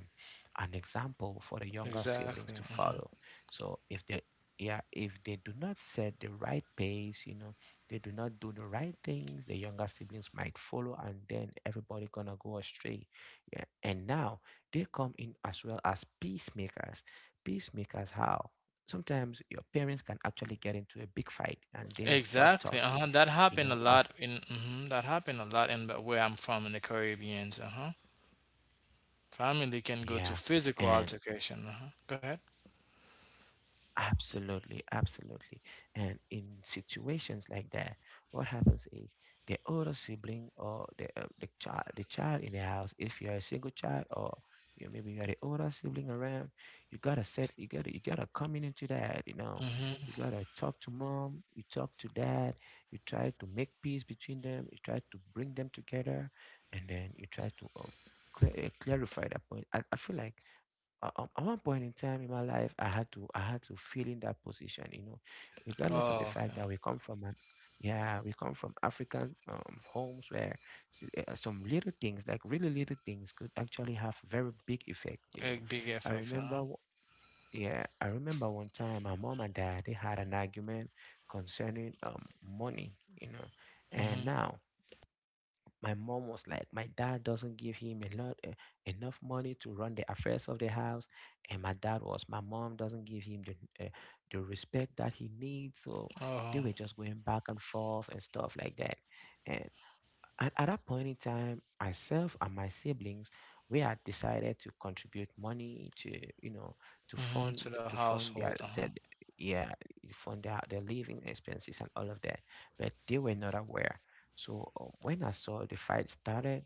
[SPEAKER 2] an example for the younger
[SPEAKER 1] exactly.
[SPEAKER 2] siblings to follow. So if they yeah, if they do not set the right pace, you know, they do not do the right things, the younger siblings might follow and then everybody gonna go astray. Yeah. And now they come in as well as peacemakers. Peacemakers how? Sometimes your parents can actually get into a big fight and they stop
[SPEAKER 1] Exactly.
[SPEAKER 2] talking,
[SPEAKER 1] Uh-huh.
[SPEAKER 2] you know. As
[SPEAKER 1] That happened a lot in, but where I'm from, in the Caribbeans. Uh-huh. Family can go to
[SPEAKER 2] Yeah.
[SPEAKER 1] physical
[SPEAKER 2] and
[SPEAKER 1] altercation. Uh-huh. Go ahead.
[SPEAKER 2] Absolutely, absolutely. And in situations like that, what happens is the older sibling or the child in the house, if you're a single child or you maybe you're the older sibling around, you gotta come in into that, you know. You
[SPEAKER 1] hmm
[SPEAKER 2] gotta talk to mom, you talk to dad, you try to make peace between them, you try to bring them together, and then you try to clarify that point. I feel like at at one point in time in my life, I had to feel in that position, you know, regardless of the
[SPEAKER 1] oh,
[SPEAKER 2] fact
[SPEAKER 1] okay.
[SPEAKER 2] that we come from an yeah, we come from African homes where some little things, like really little things, could actually have very big effect, you know.
[SPEAKER 1] Big big
[SPEAKER 2] I
[SPEAKER 1] effects.
[SPEAKER 2] remember
[SPEAKER 1] Uh-huh
[SPEAKER 2] w- yeah, I remember one time my mom and dad they had an argument concerning money, you know, and
[SPEAKER 1] hmm
[SPEAKER 2] now my mom was like, my dad doesn't give him a lot enough money to run the affairs of the house, and my dad was, my mom doesn't give him the respect that he needs. So they
[SPEAKER 1] Oh.
[SPEAKER 2] were just going back and forth and stuff like that. And at that point in time, myself and my siblings, we had decided to contribute money to, you know, to fund
[SPEAKER 1] To the
[SPEAKER 2] to fund their,
[SPEAKER 1] household.
[SPEAKER 2] their
[SPEAKER 1] Uh-huh.
[SPEAKER 2] yeah, fund their living expenses and all of that. But they were not aware. So when I saw the fight started,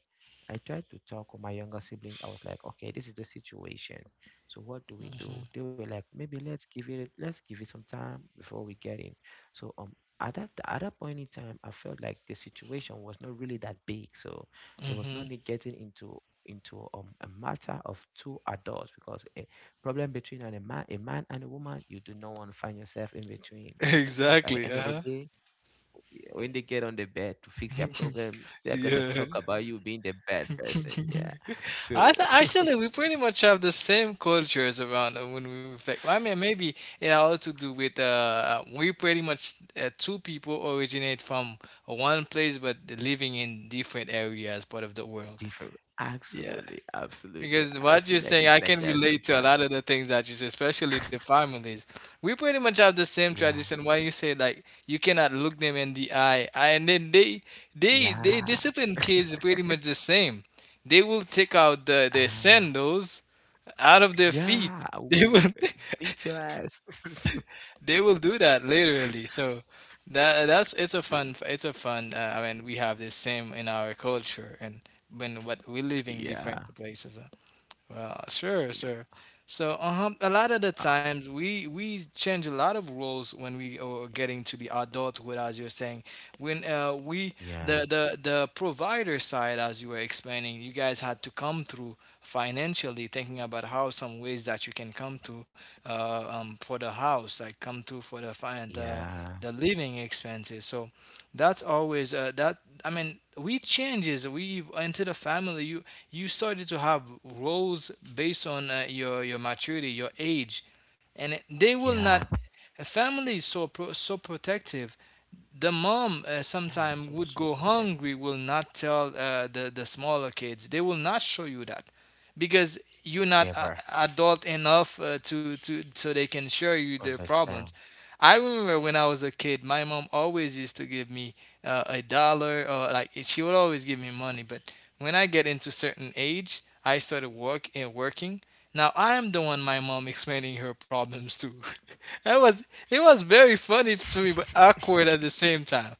[SPEAKER 2] I tried to talk with my younger siblings. I was like, okay, this is the situation. So what do we do?
[SPEAKER 1] hmm
[SPEAKER 2] They were like, maybe let's give it some time before we get in. So at that point in time, I felt like the situation was not really that big, so there was no
[SPEAKER 1] hmm
[SPEAKER 2] need getting into a matter of two adults, because a problem between a man and a woman, you do not want to find yourself in between, because at the
[SPEAKER 1] Exactly.
[SPEAKER 2] end of the
[SPEAKER 1] Uh-huh.
[SPEAKER 2] day, yeah, when they get on the bed to fix their problems, they're gonna
[SPEAKER 1] Yeah.
[SPEAKER 2] talk about you being the bad person. Yeah,
[SPEAKER 1] I
[SPEAKER 2] so.
[SPEAKER 1] th Actually, we pretty much have the same cultures around when we reflect. I mean, maybe it has to do with we pretty much two people originate from one place but living in different areas part of the world.
[SPEAKER 2] Different.
[SPEAKER 1] Yeah.
[SPEAKER 2] Absolutely, absolutely.
[SPEAKER 1] Because
[SPEAKER 2] I
[SPEAKER 1] what
[SPEAKER 2] feel
[SPEAKER 1] you're
[SPEAKER 2] like
[SPEAKER 1] saying,
[SPEAKER 2] it's
[SPEAKER 1] I
[SPEAKER 2] like
[SPEAKER 1] can
[SPEAKER 2] that
[SPEAKER 1] relate to a
[SPEAKER 2] sometimes.
[SPEAKER 1] lot of the things that you say, especially the families. We pretty much have the same
[SPEAKER 2] Yeah.
[SPEAKER 1] tradition. Why you say like you cannot look them in the eye, and then they
[SPEAKER 2] Yeah.
[SPEAKER 1] discipline kids pretty much the same. They will take out the their
[SPEAKER 2] Ah,
[SPEAKER 1] sandals out of their feet.
[SPEAKER 2] yeah.
[SPEAKER 1] They
[SPEAKER 2] Well,
[SPEAKER 1] will
[SPEAKER 2] beat your ass.
[SPEAKER 1] they will do that literally. So that that's it's a
[SPEAKER 2] Them.
[SPEAKER 1] fun. I mean, we have the same in our culture, and when what we're living
[SPEAKER 2] Yeah.
[SPEAKER 1] different places. Well, sure,
[SPEAKER 2] You know.
[SPEAKER 1] sure. So, a lot of the
[SPEAKER 2] Ah,
[SPEAKER 1] times we change a lot of rules when we are getting to the adulthood, as you're saying. When we
[SPEAKER 2] yeah.
[SPEAKER 1] the the provider side, as you were explaining, you guys had to come through financially, thinking about how some ways that you can come to for the house, like come to for
[SPEAKER 2] Yeah.
[SPEAKER 1] the living expenses. So that's always that. I mean, we changes into the family, you started to have roles based on your maturity, your age, and it- they will not.
[SPEAKER 2] Yeah.
[SPEAKER 1] A family is so protective. The mom
[SPEAKER 2] Yeah. It's
[SPEAKER 1] sometime
[SPEAKER 2] so
[SPEAKER 1] would
[SPEAKER 2] so
[SPEAKER 1] go
[SPEAKER 2] protective.
[SPEAKER 1] hungry, will not tell the smaller kids. They will not show you that because you're not
[SPEAKER 2] Never
[SPEAKER 1] adult enough to so they can share you their problems.
[SPEAKER 2] understand.
[SPEAKER 1] I remember when I was a kid, my mom always used to give me a dollar, or like she would always give me money, but when I get into certain age I started work and working, now I am the one my mom explaining her problems to. I was It was very funny to me, but awkward at the same time.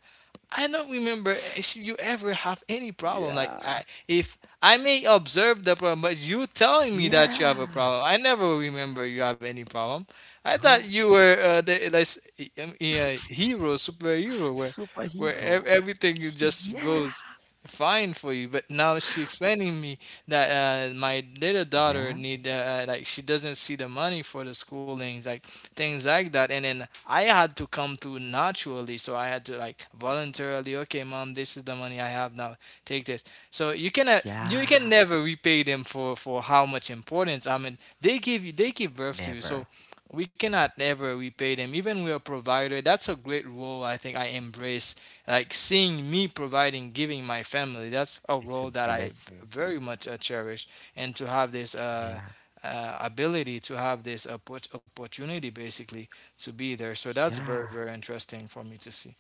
[SPEAKER 1] I don't remember if you ever have any
[SPEAKER 2] Yeah.
[SPEAKER 1] problem. If I may observe the problem, but you telling me
[SPEAKER 2] Yeah.
[SPEAKER 1] that you have a problem, I never remember you have any problem.
[SPEAKER 2] Bro.
[SPEAKER 1] I thought you were the yeah, hero, superhero, where
[SPEAKER 2] Superhero.
[SPEAKER 1] everything is just
[SPEAKER 2] Yeah.
[SPEAKER 1] goes fine for you. But now she explaining me that my little
[SPEAKER 2] Yeah.
[SPEAKER 1] daughter need like she doesn't see the money for the schoolings, like things like that. And then I had to come through naturally. So I had to like voluntarily, okay, mom, this is the money I have now. Take this. You
[SPEAKER 2] Yeah.
[SPEAKER 1] can never repay them for how much importance. I mean, they give you, they give birth to you.
[SPEAKER 2] Never.
[SPEAKER 1] So we cannot ever repay them. Even we're a provider. That's a great role. I think I embrace like seeing me providing, giving my family. That's a
[SPEAKER 2] It's a
[SPEAKER 1] role that I
[SPEAKER 2] blessing.
[SPEAKER 1] very much cherish. And to have this.
[SPEAKER 2] Yeah.
[SPEAKER 1] Ability to have this opportunity basically to be there. So that's very,
[SPEAKER 2] Yeah.
[SPEAKER 1] very interesting for me to see.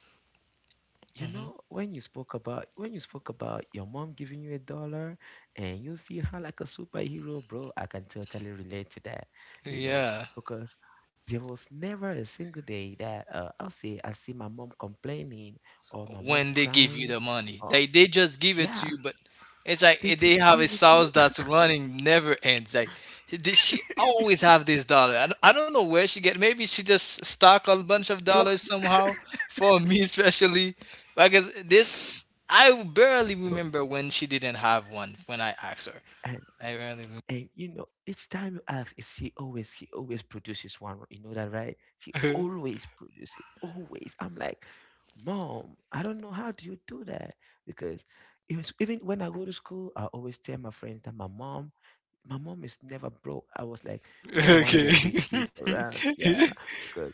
[SPEAKER 2] You know, when you spoke about your mom giving you a dollar and you see her like a superhero, bro, I can totally relate to that, you know,
[SPEAKER 1] Yeah,
[SPEAKER 2] because there was never a single day that I'll say I see my mom complaining or my mom
[SPEAKER 1] when they give you
[SPEAKER 2] crying
[SPEAKER 1] the money,
[SPEAKER 2] or,
[SPEAKER 1] they just give it to
[SPEAKER 2] yeah,
[SPEAKER 1] you, but it's like
[SPEAKER 2] they
[SPEAKER 1] they
[SPEAKER 2] just
[SPEAKER 1] have a
[SPEAKER 2] give it to you.
[SPEAKER 1] house that's running never ends. Like she always have this dollar. I don't know where she get. Maybe she just stock a bunch of dollars
[SPEAKER 2] Plucks
[SPEAKER 1] somehow for me especially because this I barely
[SPEAKER 2] it up.
[SPEAKER 1] remember when she didn't have one when I asked her.
[SPEAKER 2] And
[SPEAKER 1] I barely
[SPEAKER 2] And you know, each time you ask, is she always, she always produces one. You know that, right? She
[SPEAKER 1] remember.
[SPEAKER 2] always produces, always. I'm like, mom, I don't know how do you do that? Because it was, even when I go to school, I always tell my friends that my mom is never broke. I was like, we are one of
[SPEAKER 1] Okay.
[SPEAKER 2] the rich kids around. Yeah. because.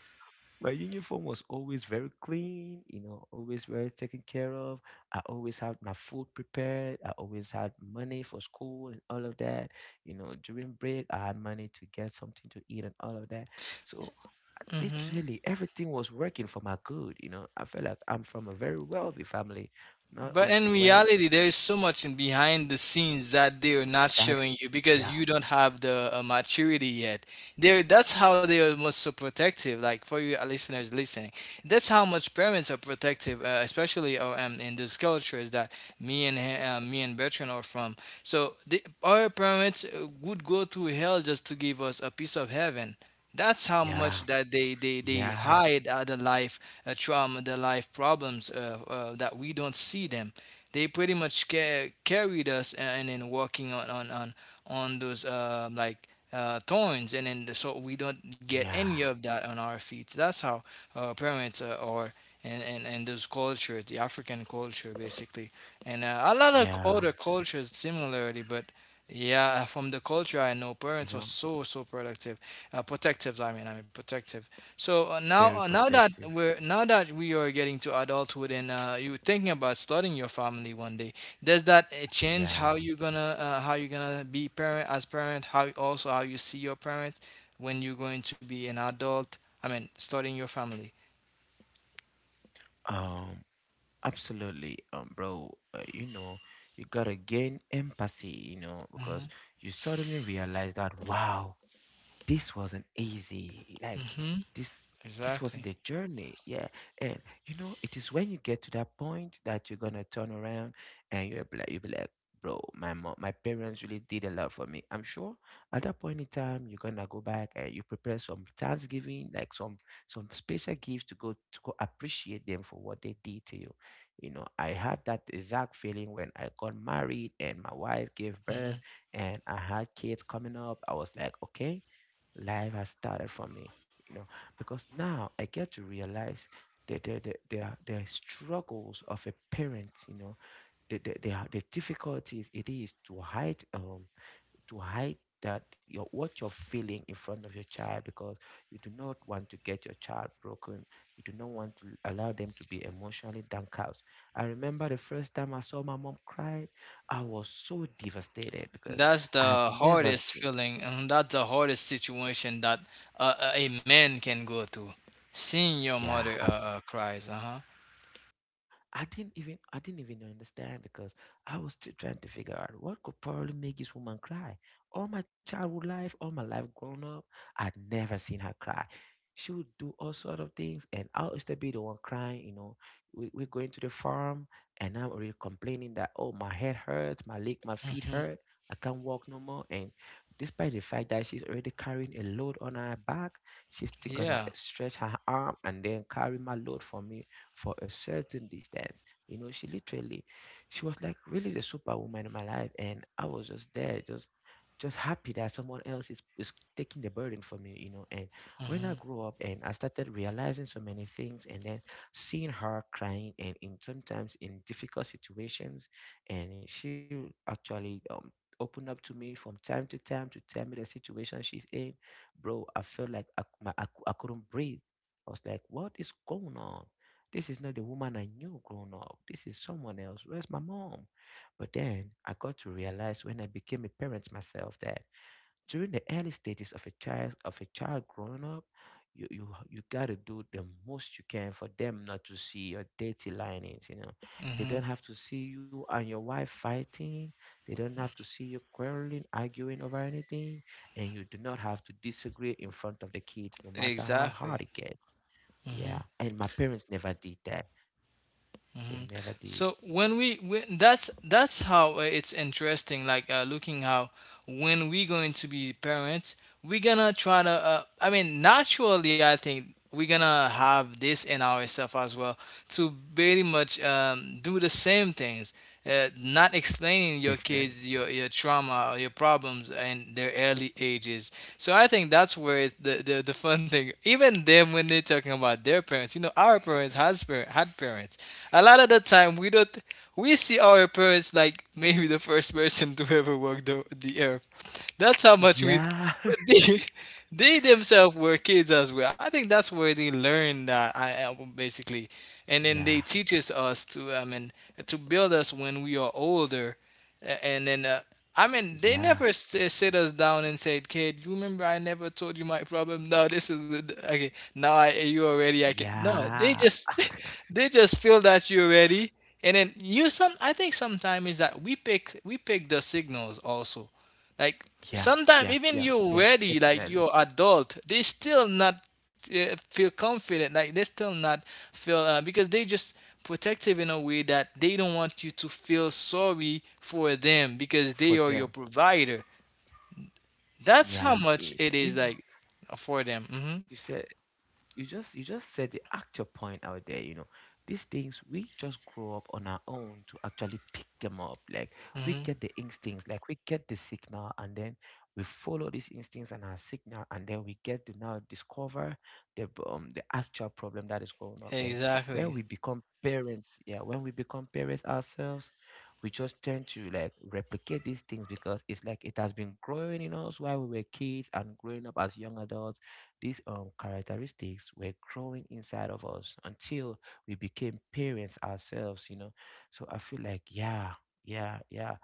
[SPEAKER 2] My uniform was always very clean, you know, always very taken care of. I always had my food prepared. I always had money for school and all of that. You know, during break, I had money to get something to eat and all of that. So I
[SPEAKER 1] hmm
[SPEAKER 2] literally everything was working for my good. You know, I felt like I'm from a very wealthy family. Not
[SPEAKER 1] But
[SPEAKER 2] until
[SPEAKER 1] in
[SPEAKER 2] when
[SPEAKER 1] reality, there is so much in behind the scenes that they're not
[SPEAKER 2] that,
[SPEAKER 1] showing you
[SPEAKER 2] yeah,
[SPEAKER 1] because you don't have the maturity yet. There, that's how they are most so protective. Like for you listeners listening, that's how much parents are protective, especially in those cultures that me and Bertrand are from. So our parents would go through hell just to give us a piece of heaven. That's how much
[SPEAKER 2] yeah,
[SPEAKER 1] that they
[SPEAKER 2] yeah,
[SPEAKER 1] hide other life trauma, the life problems that we don't see them. They pretty much carried us and then working on those like thorns, and then so we don't get any
[SPEAKER 2] yeah,
[SPEAKER 1] of that on our feet. That's how parents are. And those cultures, the African culture basically, and a lot of
[SPEAKER 2] yeah,
[SPEAKER 1] other cultures similarly. But yeah, from the culture I know,
[SPEAKER 2] you
[SPEAKER 1] parents were
[SPEAKER 2] know,
[SPEAKER 1] so productive protective. I mean protective. So
[SPEAKER 2] very
[SPEAKER 1] now that
[SPEAKER 2] protective.
[SPEAKER 1] we are getting to adulthood, and you're thinking about starting your family one day, does that change
[SPEAKER 2] Yeah.
[SPEAKER 1] how you're gonna how you're gonna be parent as parent? How also how you see your parents when you're going to be an adult? I mean, starting your family.
[SPEAKER 2] Um, absolutely, bro. You know, you gotta gain empathy, you know, because
[SPEAKER 1] hmm
[SPEAKER 2] you suddenly realize that wow, this wasn't easy. Like
[SPEAKER 1] hmm
[SPEAKER 2] this this
[SPEAKER 1] Exactly.
[SPEAKER 2] wasn't a journey. Yeah. And you know, it is when you get to that point that you're gonna turn around and you'll be like, bro, my parents really did a lot for me. I'm sure at that point in time you're gonna go back and you prepare some Thanksgiving, like some special gifts to go appreciate them for what they did to you. You know, I had that exact feeling when I got married and my wife gave
[SPEAKER 1] Mhm.
[SPEAKER 2] birth and I had kids coming up. I was like, okay, life has started for me, you know, because now I get to realize the struggles of a parent, you know, the difficulties it is to hide, to hide that your what you're feeling in front of your child, because you do not want to get your child broken, you do not want to allow them to be emotionally downcast. I remember the first time I saw my mom cry. I was so devastated because
[SPEAKER 1] That's
[SPEAKER 2] I had
[SPEAKER 1] the
[SPEAKER 2] never
[SPEAKER 1] hardest
[SPEAKER 2] seen.
[SPEAKER 1] feeling, and that's the hardest situation that a man can go through. Seeing your
[SPEAKER 2] Yeah,
[SPEAKER 1] mother
[SPEAKER 2] absolutely.
[SPEAKER 1] cries.
[SPEAKER 2] I didn't even understand, because I was still trying to figure out what could probably make this woman cry. All my childhood life, all my life grown up, I'd never seen her cry. She would do all sort of things, and I'll still be the one crying. You know, we're going to the farm, and I'm already complaining that oh my head hurts, my leg, my feet
[SPEAKER 1] Mm-hmm.
[SPEAKER 2] hurt, I can't walk no more. And despite the fact that she's already carrying a load on her back, she's still gonna
[SPEAKER 1] Yeah.
[SPEAKER 2] stretch her arm and then carry my load for me for a certain distance. You know, she literally, she was like really the superwoman in my life, and I was just there, just happy that someone else is taking the burden for me, you know. And when
[SPEAKER 1] Mm-hmm.
[SPEAKER 2] I grew up and I started realizing so many things and then seeing her crying and in sometimes in difficult situations, and she actually opened up to me from time to time to tell me the situation she's in. Bro, I felt like I, c- my, I, cou- I couldn't breathe. I was like, what is going on? This is not the woman I knew growing up. This is someone else. Where's my mom? But then I got to realize when I became a parent myself that during the early stages of a child growing up, you gotta do the most you can for them not to see your dirty linings. They
[SPEAKER 1] Mm-hmm.
[SPEAKER 2] don't have to see you and your wife fighting. They don't have to see you quarreling, arguing over anything, and you do not have to disagree in front of the kids, no matter how
[SPEAKER 1] Exactly.
[SPEAKER 2] hard it gets.
[SPEAKER 1] Mm-hmm.
[SPEAKER 2] Yeah, and my parents never did that. They
[SPEAKER 1] Mm-hmm.
[SPEAKER 2] never did.
[SPEAKER 1] So when we when, that's how it's interesting. Like looking how when we going to be parents, we're gonna try to I mean naturally I think we're gonna have this in ourselves as well to very much do the same things, not explaining your
[SPEAKER 2] Definitely.
[SPEAKER 1] kids your trauma or your problems in their early ages. So I think that's where it's the fun thing even them when they're talking about their parents, you know, our parents has had parents. A lot of the time we don't, we see our parents like maybe the first person to ever walk the earth. That's how much we,
[SPEAKER 2] Yeah.
[SPEAKER 1] but they, they themselves were kids as well. I think that's where they learn that basically, and then
[SPEAKER 2] Yeah.
[SPEAKER 1] they teaches us to I mean to build us when we are older. And then I mean they
[SPEAKER 2] Yeah.
[SPEAKER 1] never sit us down and said, "Kid, you remember I never told you my problem? No, this is okay. Now I you already I can no. They
[SPEAKER 2] Yeah.
[SPEAKER 1] just they just feel that you're ready." And then you some I think sometimes is that we pick the signals also, like
[SPEAKER 2] Yeah.
[SPEAKER 1] sometimes
[SPEAKER 2] Yeah.
[SPEAKER 1] even
[SPEAKER 2] Yeah.
[SPEAKER 1] you're
[SPEAKER 2] Yeah.
[SPEAKER 1] ready, like
[SPEAKER 2] Definitely.
[SPEAKER 1] you're adult, they still not feel confident. Like they still not feel because they just protective in a way that they don't want you to feel sorry for them because
[SPEAKER 2] For
[SPEAKER 1] they are your
[SPEAKER 2] them.
[SPEAKER 1] provider. That's how
[SPEAKER 2] Yeah.
[SPEAKER 1] much it is
[SPEAKER 2] You know,
[SPEAKER 1] like for them.
[SPEAKER 2] you said you just said the actual point out there, you know, these things we just grow up on our own to actually pick them up, like we
[SPEAKER 1] Hmm
[SPEAKER 2] get the instincts, like we get the signal, and then we follow these instincts and our signal, and then we get to now discover the the actual problem that is going up. And when
[SPEAKER 1] Exactly.
[SPEAKER 2] we become parents, yeah, when we become parents ourselves, we just tend to like replicate these things because it's like it has been growing in us while we were kids and growing up as young adults. These characteristics were growing inside of us until we became parents ourselves, you know. So I feel like, yeah, yeah, yeah.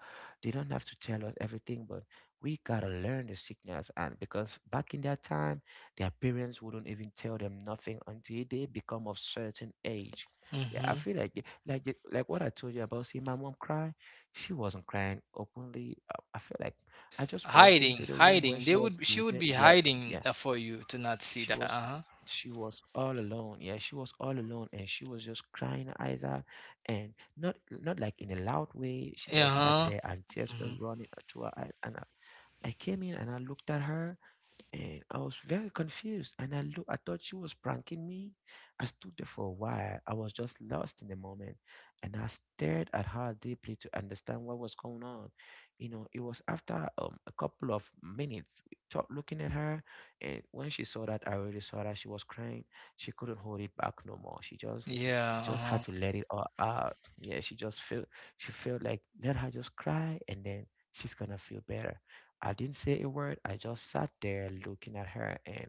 [SPEAKER 2] They don't have to tell us everything, but we gotta learn the signals. And because back in that time, their parents wouldn't even tell them nothing until they become of certain age. Yeah, I
[SPEAKER 1] hmm
[SPEAKER 2] feel like like what I told you about seeing my mom cry. She wasn't crying openly. I feel like I just walked into
[SPEAKER 1] Hiding,
[SPEAKER 2] the room where
[SPEAKER 1] hiding.
[SPEAKER 2] she
[SPEAKER 1] They
[SPEAKER 2] was
[SPEAKER 1] would, she would
[SPEAKER 2] seated.
[SPEAKER 1] be
[SPEAKER 2] Yet,
[SPEAKER 1] hiding
[SPEAKER 2] yeah,
[SPEAKER 1] for you to not see
[SPEAKER 2] she
[SPEAKER 1] that. Uh
[SPEAKER 2] was
[SPEAKER 1] huh.
[SPEAKER 2] she was all alone. Yeah, she was all alone and she was just crying her eyes out, and not like in a loud way. She
[SPEAKER 1] Uh
[SPEAKER 2] just sat
[SPEAKER 1] huh.
[SPEAKER 2] there and tears were
[SPEAKER 1] hmm
[SPEAKER 2] running through her eyes, and I came in and I looked at her, and I was very confused. And I look, I thought she was pranking me. I stood there for a while. I was just lost in the moment, and I stared at her deeply to understand what was going on. You know, it was after a couple of minutes we stopped looking at her, and when she saw that I already saw that she was crying, she couldn't hold it back no more. She just had
[SPEAKER 1] Yeah.
[SPEAKER 2] to let it all out. Yeah, she just felt, she felt like let her just cry, and then she's gonna feel better. I didn't say a word. I just sat there looking at her, and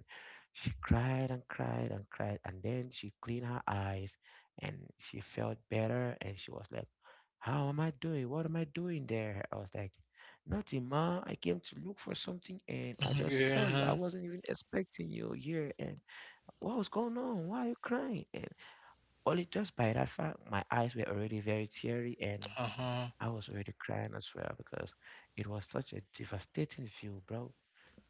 [SPEAKER 2] she cried and cried and cried. And then she cleaned her eyes and she felt better. And she was like, how am I doing? What am I doing there? I was like, nothing, ma. I came to look for something and I just saw you. I
[SPEAKER 1] Uh-huh.
[SPEAKER 2] wasn't even expecting you here. And what was going on? Why are you crying? And only just by that fact, my eyes were already very teary. And
[SPEAKER 1] Uh-huh.
[SPEAKER 2] I was already crying as well because it was such a devastating view, bro.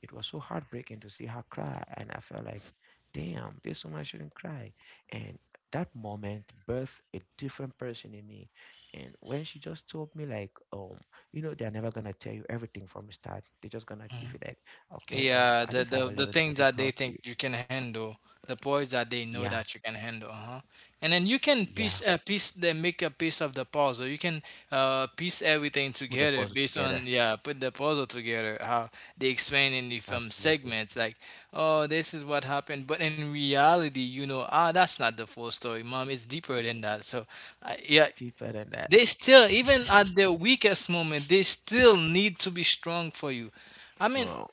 [SPEAKER 2] It was so heartbreaking to see her cry, and I felt like, damn, this woman shouldn't cry. And that moment birthed a different person in me. And when she just told me, like, you know, they're never gonna tell you everything from the start. They're just gonna give you like, okay,
[SPEAKER 1] Yeah,
[SPEAKER 2] I
[SPEAKER 1] the
[SPEAKER 2] just have
[SPEAKER 1] the
[SPEAKER 2] a
[SPEAKER 1] the
[SPEAKER 2] little
[SPEAKER 1] things that they think
[SPEAKER 2] difficulty.
[SPEAKER 1] you can handle, the parts that they know
[SPEAKER 2] Yeah,
[SPEAKER 1] that you can handle, uh-huh. And then you can piece
[SPEAKER 2] yeah.
[SPEAKER 1] a piece then make a piece of the puzzle. You can piece everything
[SPEAKER 2] Put the
[SPEAKER 1] together
[SPEAKER 2] puzzle
[SPEAKER 1] based on
[SPEAKER 2] together.
[SPEAKER 1] yeah, put the puzzle together. How they explain in the film
[SPEAKER 2] Absolutely.
[SPEAKER 1] segments, like, oh, this is what happened, but in reality, you know, ah, that's not the full story, mom. It's deeper than that. So, yeah,
[SPEAKER 2] It's deeper than that.
[SPEAKER 1] they still even at their weakest moment, they still need to be strong for you. I mean,
[SPEAKER 2] True.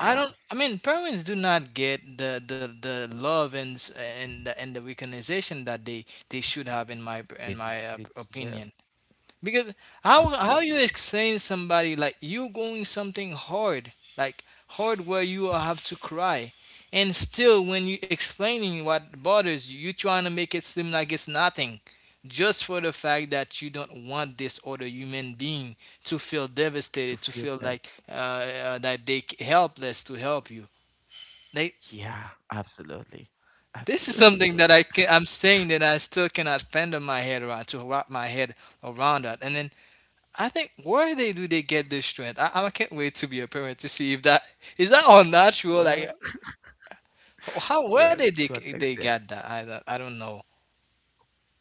[SPEAKER 1] I don't. I mean, parents do not get the love and and the recognition that they should have in
[SPEAKER 2] They,
[SPEAKER 1] my
[SPEAKER 2] des- they deserve,
[SPEAKER 1] opinion. Because how you
[SPEAKER 2] absolutely,
[SPEAKER 1] explain somebody like you going something hard, like hard where you will have to cry, and still when you explaining what bothers you, you trying to make it seem like it's nothing, just for the fact that you don't want this other human being to feel
[SPEAKER 2] to
[SPEAKER 1] devastated, to
[SPEAKER 2] feel
[SPEAKER 1] feel
[SPEAKER 2] bad.
[SPEAKER 1] like that they helpless to help you. Like
[SPEAKER 2] Yeah, absolutely.
[SPEAKER 1] this is
[SPEAKER 2] Absolutely,
[SPEAKER 1] something that
[SPEAKER 2] bro.
[SPEAKER 1] I'm saying that I still cannot fend on my head around to wrap my head around that. And then I think where they do they get this strength? I can't wait to be a parent to see if that is that unnatural. Like
[SPEAKER 2] Well,
[SPEAKER 1] how where
[SPEAKER 2] well,
[SPEAKER 1] did
[SPEAKER 2] to an
[SPEAKER 1] they
[SPEAKER 2] extent.
[SPEAKER 1] get that? I don't know.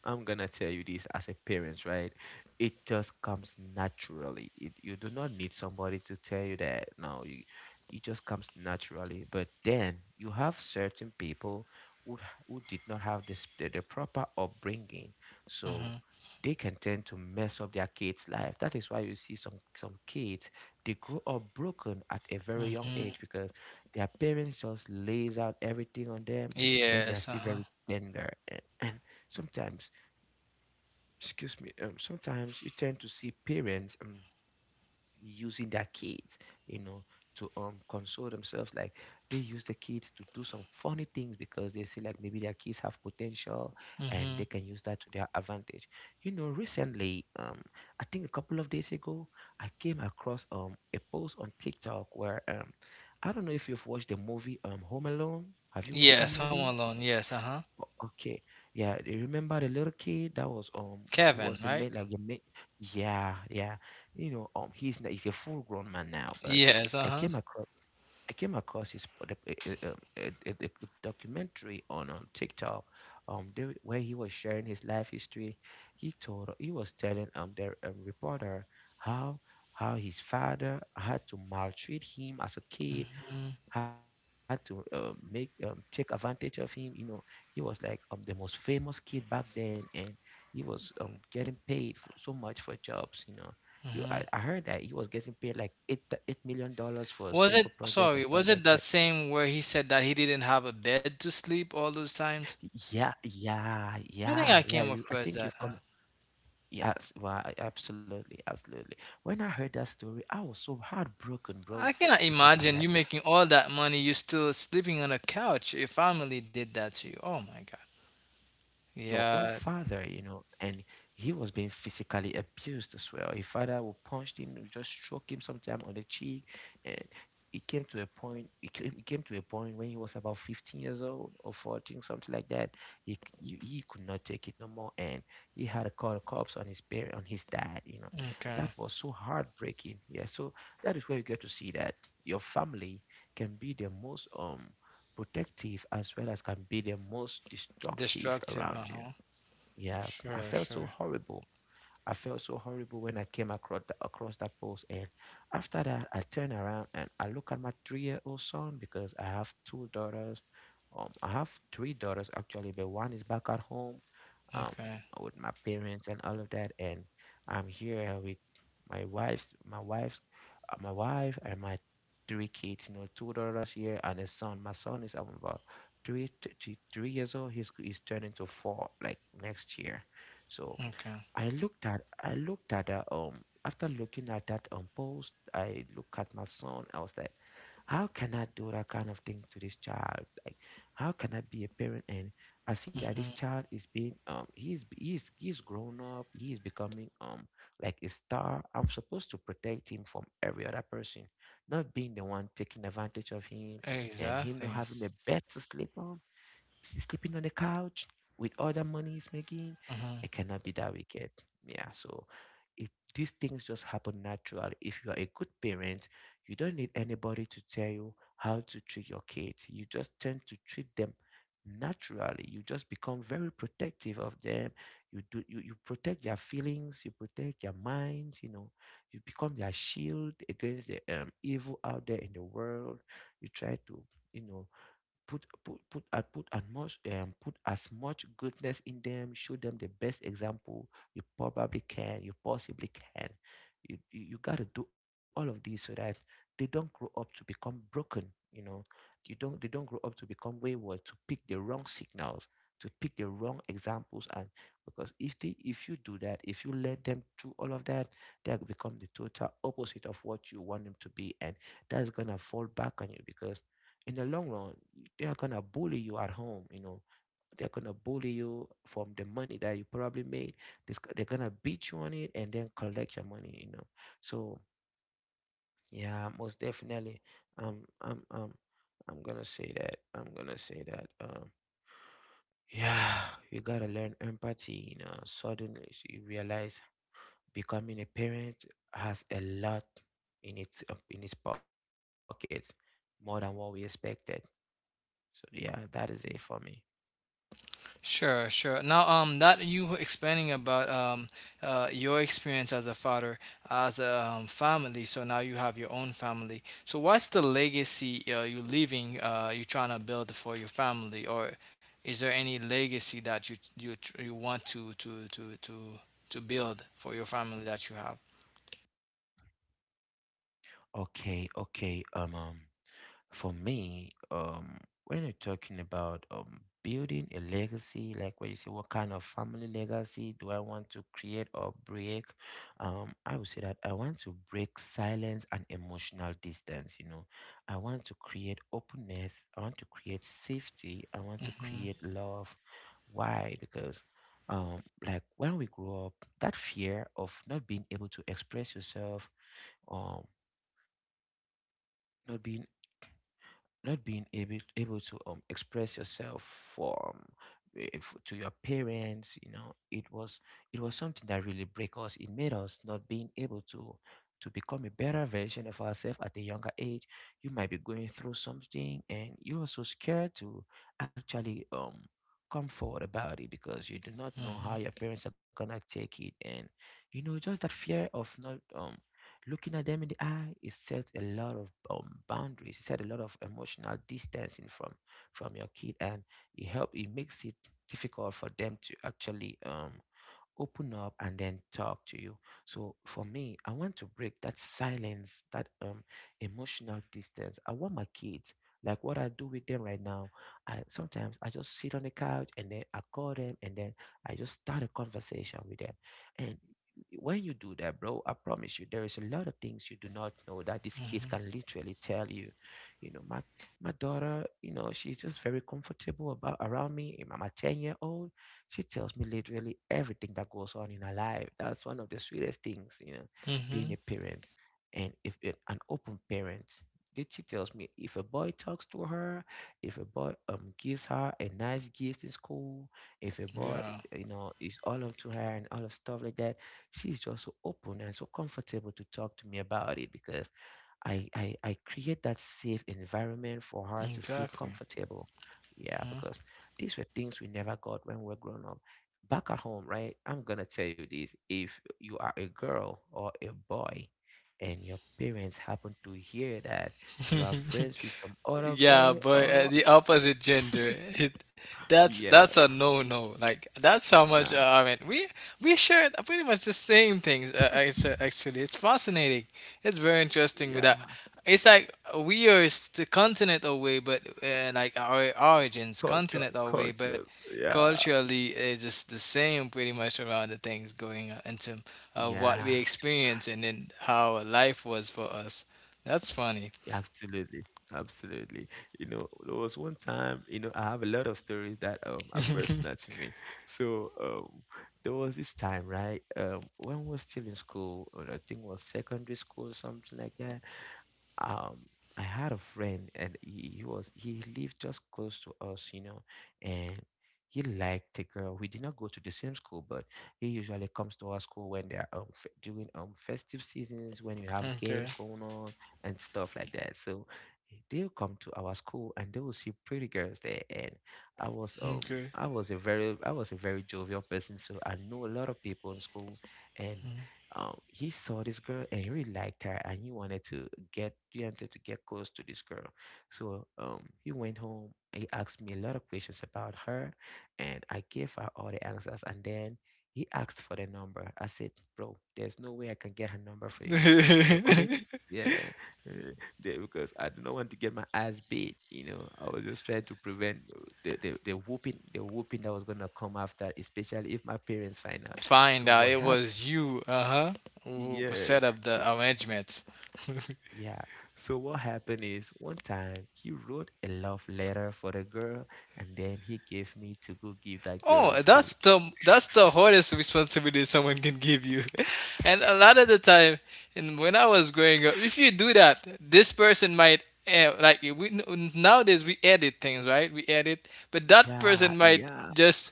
[SPEAKER 2] I'm gonna tell you this as a parent, right? It just comes naturally. It, you do not need somebody to tell you that. No, you, it just comes naturally. But then you have certain people who, who did not have this the proper upbringing, so
[SPEAKER 1] hmm
[SPEAKER 2] they can tend to mess up their kids' life. That is why you see some kids they grow up broken at a very young age
[SPEAKER 1] hmm
[SPEAKER 2] because their parents just lays out everything on them when they
[SPEAKER 1] Yes.
[SPEAKER 2] are
[SPEAKER 1] Uh
[SPEAKER 2] still
[SPEAKER 1] huh.
[SPEAKER 2] very tender. And sometimes excuse me, sometimes you tend to see parents using their kids, you know, to console themselves. Like they use the kids to do some funny things because they see like maybe their kids have potential and
[SPEAKER 1] hmm
[SPEAKER 2] they can use that to their advantage. You know, recently, I think a couple of days ago, I came across a post on TikTok where, I don't know if you've watched the movie Home Alone. Have you watched that
[SPEAKER 1] Yes. Home
[SPEAKER 2] movie?
[SPEAKER 1] Alone. Yes. Uh huh.
[SPEAKER 2] O- Okay. Yeah, do you remember the little kid that was who
[SPEAKER 1] Kevin.
[SPEAKER 2] was the
[SPEAKER 1] Right.
[SPEAKER 2] main, like the main yeah, yeah. You know, he's a full grown man now, but
[SPEAKER 1] Yes. Uh
[SPEAKER 2] I
[SPEAKER 1] huh.
[SPEAKER 2] came across I came across his pod- a documentary on TikTok, there, where he was sharing his life history. He was telling the reporter how his father had to maltreat him as a kid, had to make take advantage of him. You know, he was like the most famous kid back then, and he was getting paid for, so much for jobs. You know, you, I heard that he was getting paid like eight million dollars for a
[SPEAKER 1] Was
[SPEAKER 2] single
[SPEAKER 1] it
[SPEAKER 2] project and
[SPEAKER 1] sorry?
[SPEAKER 2] stuff
[SPEAKER 1] Was
[SPEAKER 2] like
[SPEAKER 1] it
[SPEAKER 2] that.
[SPEAKER 1] that same where he said that he didn't have a bed to sleep all those times?
[SPEAKER 2] Yeah, yeah,
[SPEAKER 1] I think I
[SPEAKER 2] yeah, yeah.
[SPEAKER 1] came
[SPEAKER 2] You, I
[SPEAKER 1] across
[SPEAKER 2] think
[SPEAKER 1] that.
[SPEAKER 2] you've
[SPEAKER 1] Huh?
[SPEAKER 2] come. Yes, well, I- absolutely, absolutely. When I heard that story, I was so heartbroken, bro,
[SPEAKER 1] I cannot
[SPEAKER 2] because I'm like.
[SPEAKER 1] imagine you making all that money, you're still sleeping on a couch. Your family did that to you. Oh my God.
[SPEAKER 2] Your own
[SPEAKER 1] Yeah,
[SPEAKER 2] father, you know, and he was being physically abused as well. His father would punch him, would just stroke him sometime on the cheek, and it came to a point. It came to a point when he was about 15 years old or 14, something like that. He, he could not take it no more, and he had to call the cops on his parent, on his dad. You know,
[SPEAKER 1] okay.
[SPEAKER 2] that was so heartbreaking. Yeah, so that is where you get to see that your family can be the most protective as well as can be the most destructive
[SPEAKER 1] Destructive,
[SPEAKER 2] around you.
[SPEAKER 1] uh-huh.
[SPEAKER 2] Yeah, I
[SPEAKER 1] Sure,
[SPEAKER 2] felt
[SPEAKER 1] sure.
[SPEAKER 2] so horrible I felt so horrible when I came across, across that post. And after that, I turned around and I look at my three-year-old son because I have two daughters. I have three daughters actually, but one is back at home, um,
[SPEAKER 1] Okay,
[SPEAKER 2] with my parents and all of that. And I'm here with my wife's, my wife's, my wife and my three kids. You know, two daughters here and a son. My son is about 3 years old. He's turning to four like next year. So
[SPEAKER 1] okay.
[SPEAKER 2] I looked at that after looking at that post, I look at my son. I was like, how can I do that kind of thing to this child? Like, how can I be a parent? And I see that
[SPEAKER 1] hmm
[SPEAKER 2] this child is being he's grown up. He is becoming like a star. I'm supposed to protect him from every other person, not being the one taking advantage of him, and him not
[SPEAKER 1] Exactly.
[SPEAKER 2] having a bed to sleep on, sleeping on the couch with other money he's making.
[SPEAKER 1] hmm
[SPEAKER 2] It cannot be that wicked. Yeah, so if these things just happen naturally, if you are a good parent, you don't need anybody to tell you how to treat your kids. You just tend to treat them naturally. You just become very protective of them. You protect their feelings, you protect their minds, you know, you become their shield against the evil out there in the world. You try to, you know, put as much goodness in them, show them the best example you possibly can. You got to do all of this so that they don't grow up to become broken, you know, you don't they don't grow up to become wayward, to pick the wrong signals, to pick the wrong examples. And because if they, if you do that, if you let them through all of that, they'll become the total opposite of what you want them to be, and that's gonna fall back on you because in the long run, they are gonna bully you at home. You know, they're gonna bully you from the money that you probably made. This they're gonna beat you on it and then collect your money. You know, so yeah, most definitely. Um, I'm um, I'm gonna say that. Yeah, you gotta learn empathy. You know, suddenly you realize becoming a parent has a lot in its in its pockets, more than what we expected. So yeah, that is it for me.
[SPEAKER 1] Sure, sure. Now, that you were explaining about your experience as a father, as a family. So now you have your own family. So what's the legacy you're leaving? You're trying to build for your family, or is there any legacy that you want to build for your family that you have?
[SPEAKER 2] Okay, okay. For me, when you're talking about building a legacy, like when you say what kind of family legacy do I want to create or break, I would say that I want to break silence and emotional distance, you know. I want to create openness, I want to create safety, I want to
[SPEAKER 1] hmm
[SPEAKER 2] create love. Why? Because um, like when we grow up, that fear of not being able to express yourself, um, not being not being able to express yourself from eh, to your parents, you know, it was something that really break us. It made us not being able to become a better version of ourselves at a younger age. You might be going through something and you are so scared to actually come forward about it because you do not know how
[SPEAKER 1] hmm
[SPEAKER 2] your parents are gonna take it. And you know, just that fear of not looking at them in the eye, it sets a lot of boundaries. It sets a lot of emotional distancing from your kid, and it help. It makes it difficult for them to actually open up and then talk to you. So for me, I want to break that silence, that emotional distance. I want my kids, like what I do with them right now, I sometimes I just sit on the couch and then I call them, and then I just start a conversation with them. And when you do that, bro, I promise you, there is a lot of things you do not know that these kids can literally tell you. You know, my daughter, you know, she's just very comfortable about around me, my 10-year old. She tells me literally everything that goes on in her life. That's one of the sweetest things, you know, being
[SPEAKER 1] Mm-hmm.
[SPEAKER 2] a parent. And if it, an open parent, did, she tells me if a boy talks to her, if a boy gives her a nice gift in school, if a boy,
[SPEAKER 1] Yeah.
[SPEAKER 2] you know, is all up to her and all of stuff like that, she's just so open and so comfortable to talk to me about it because I create that safe environment for her to feel
[SPEAKER 1] Exactly.
[SPEAKER 2] comfortable. Yeah, because these were things we never got when we were grown up. Back at home, right? I'm gonna tell you this. If you are a girl or a boy and your parents happen to hear that you are
[SPEAKER 1] Mhm.
[SPEAKER 2] friends with some other
[SPEAKER 1] Yeah,
[SPEAKER 2] boy
[SPEAKER 1] but
[SPEAKER 2] or
[SPEAKER 1] the opposite gender, that's
[SPEAKER 2] yeah,
[SPEAKER 1] a no-no. Like that's how much
[SPEAKER 2] nah,
[SPEAKER 1] I mean. We share pretty much the same things. It's, actually, it's fascinating. It's very interesting. With that,
[SPEAKER 2] yeah,
[SPEAKER 1] it's like we are the continent away, but like our origins,
[SPEAKER 2] culture,
[SPEAKER 1] continent away, but
[SPEAKER 2] cultures, yeah.
[SPEAKER 1] culturally it's just the same pretty much around the things going on in terms of what
[SPEAKER 2] Yeah,
[SPEAKER 1] we experience and then how life was for us. That's funny.
[SPEAKER 2] absolutely, absolutely. You know, there was one time, you know, I have a lot of stories that are personal to me. So there was this time, right? When we was still in school, or I think was secondary school, something like that. um I had a friend, and he lived just close to us, you know, and he liked a girl. We did not go to the same school, but he usually comes to our school when they're during festive seasons when you have
[SPEAKER 1] Okay.
[SPEAKER 2] games going on and stuff like that. So they'll come to our school and they will see pretty girls there. And I was
[SPEAKER 1] Okay.
[SPEAKER 2] I was a very jovial person, so I knew a lot of people in school, and he saw this girl and he really liked her, and he wanted to get close to this girl. So he went home, he asked me a lot of questions about her, and I gave her all the answers. And then he asked for the number. I said, "Bro, there's no way I can get her number for you." The only yeah uh, there, because I do not want to get my ass beat, you know. I was just trying to prevent the whooping, the whooping that was going to come after, especially if my parents find out.
[SPEAKER 1] Find
[SPEAKER 2] So
[SPEAKER 1] out
[SPEAKER 2] what
[SPEAKER 1] it
[SPEAKER 2] happened?
[SPEAKER 1] was you, uh-huh, who
[SPEAKER 2] Yeah.
[SPEAKER 1] set up the
[SPEAKER 2] So
[SPEAKER 1] arrangements.
[SPEAKER 2] yeah. So what happened is one time he wrote a love letter for the girl, and then he gave me to go give that girl
[SPEAKER 1] Oh,
[SPEAKER 2] in school.
[SPEAKER 1] that's the hardest responsibility someone can give you. And a lot of the time, and when I was growing up, if you do that, this person might like we nowadays we edit things, right? We edit, but that
[SPEAKER 2] Yeah,
[SPEAKER 1] person might
[SPEAKER 2] yeah,
[SPEAKER 1] just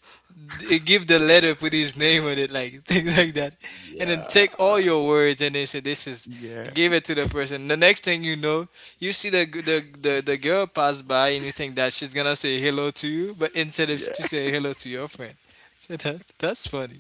[SPEAKER 1] give the letter, put his name on it, like things like that. And then
[SPEAKER 2] yeah,
[SPEAKER 1] take all your words and then say this is
[SPEAKER 2] yeah,
[SPEAKER 1] give it to the person. The next thing you know, you see the girl pass by and you think that she's gonna say hello to you, but instead of she
[SPEAKER 2] yeah.
[SPEAKER 1] say hello to your friend. So that, that's funny.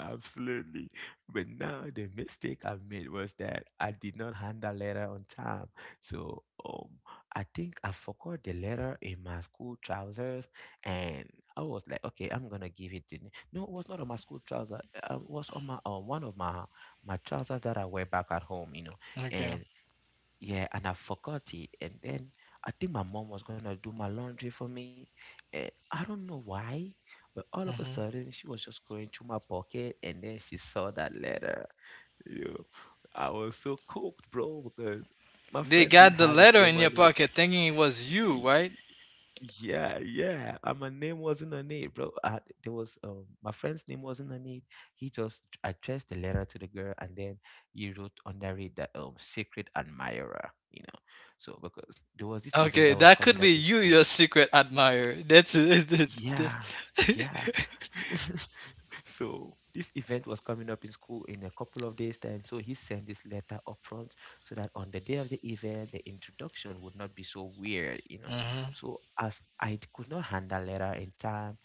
[SPEAKER 2] Absolutely. But now the mistake I made was that I did not hand the letter on time. So I think I forgot the letter in my school trousers. And I was like, okay, I'm gonna give it to— no, it was not on my school trousers. It was on my one of my trousers that I wear back at home, you know.
[SPEAKER 1] Okay.
[SPEAKER 2] And yeah, and I forgot it. And then I think my mom was gonna do my laundry for me. And I don't know why, but all of a
[SPEAKER 1] hmm
[SPEAKER 2] sudden she was just going through my pocket, and then she saw that letter. Yo, I was so cooked, bro, because my
[SPEAKER 1] they
[SPEAKER 2] friend didn't
[SPEAKER 1] got the
[SPEAKER 2] have his
[SPEAKER 1] letter
[SPEAKER 2] name
[SPEAKER 1] in
[SPEAKER 2] on
[SPEAKER 1] your pocket thinking it was you,
[SPEAKER 2] it.
[SPEAKER 1] right?
[SPEAKER 2] Yeah, yeah. And my name wasn't on it, bro. I, there was my friend's name wasn't on it. He just addressed the letter to the girl, and then he wrote under it that secret admirer. You know, so because there was this event
[SPEAKER 1] Okay,
[SPEAKER 2] that was
[SPEAKER 1] that could
[SPEAKER 2] coming
[SPEAKER 1] be
[SPEAKER 2] up in
[SPEAKER 1] you,
[SPEAKER 2] school.
[SPEAKER 1] your secret admirer. That's it.
[SPEAKER 2] Yeah, yeah. So this event was coming up in school in a couple of days' time. So he sent this letter up front so that on the day of the event, the introduction would not be so weird, you know.
[SPEAKER 1] hmm
[SPEAKER 2] So as I could not hand that letter in time,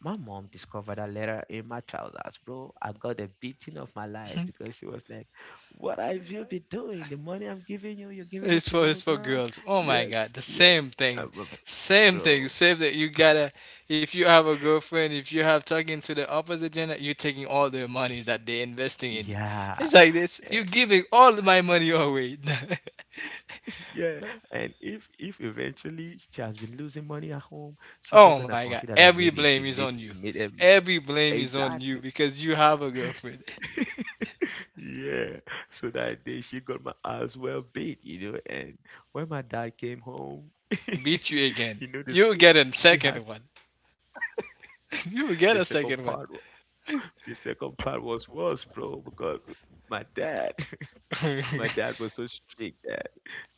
[SPEAKER 2] my mom discovered that letter in my trousers, bro. I got a beating of my life because she was like, "What have you been doing? The money I'm giving you, you're giving it to
[SPEAKER 1] It's
[SPEAKER 2] little
[SPEAKER 1] for
[SPEAKER 2] girls."
[SPEAKER 1] girls. Oh my
[SPEAKER 2] Yeah,
[SPEAKER 1] god, the
[SPEAKER 2] yeah.
[SPEAKER 1] same
[SPEAKER 2] Uh,
[SPEAKER 1] thing, same thing,
[SPEAKER 2] bro.
[SPEAKER 1] same that you gotta. If you have a girlfriend, if you have talking to the opposite gender, you're taking all their money that they're investing in you.
[SPEAKER 2] Yeah.
[SPEAKER 1] It's like this. You're giving all my money away.
[SPEAKER 2] Yeah, and if eventually she has been losing money at home, she's not
[SPEAKER 1] Oh
[SPEAKER 2] gonna
[SPEAKER 1] my god,
[SPEAKER 2] consider that
[SPEAKER 1] every
[SPEAKER 2] maybe she
[SPEAKER 1] blame is
[SPEAKER 2] made
[SPEAKER 1] on you.
[SPEAKER 2] made a mistake.
[SPEAKER 1] Every blame is on
[SPEAKER 2] Exactly.
[SPEAKER 1] you because you have a girlfriend.
[SPEAKER 2] Yeah. So that day she got my ass well beat, you know. And when my dad came home,
[SPEAKER 1] Beat you again.
[SPEAKER 2] he know this,
[SPEAKER 1] You get a
[SPEAKER 2] he had
[SPEAKER 1] second one. You get a
[SPEAKER 2] the second
[SPEAKER 1] second one.
[SPEAKER 2] part. The second part was worse, bro, because my dad, my dad was so strict that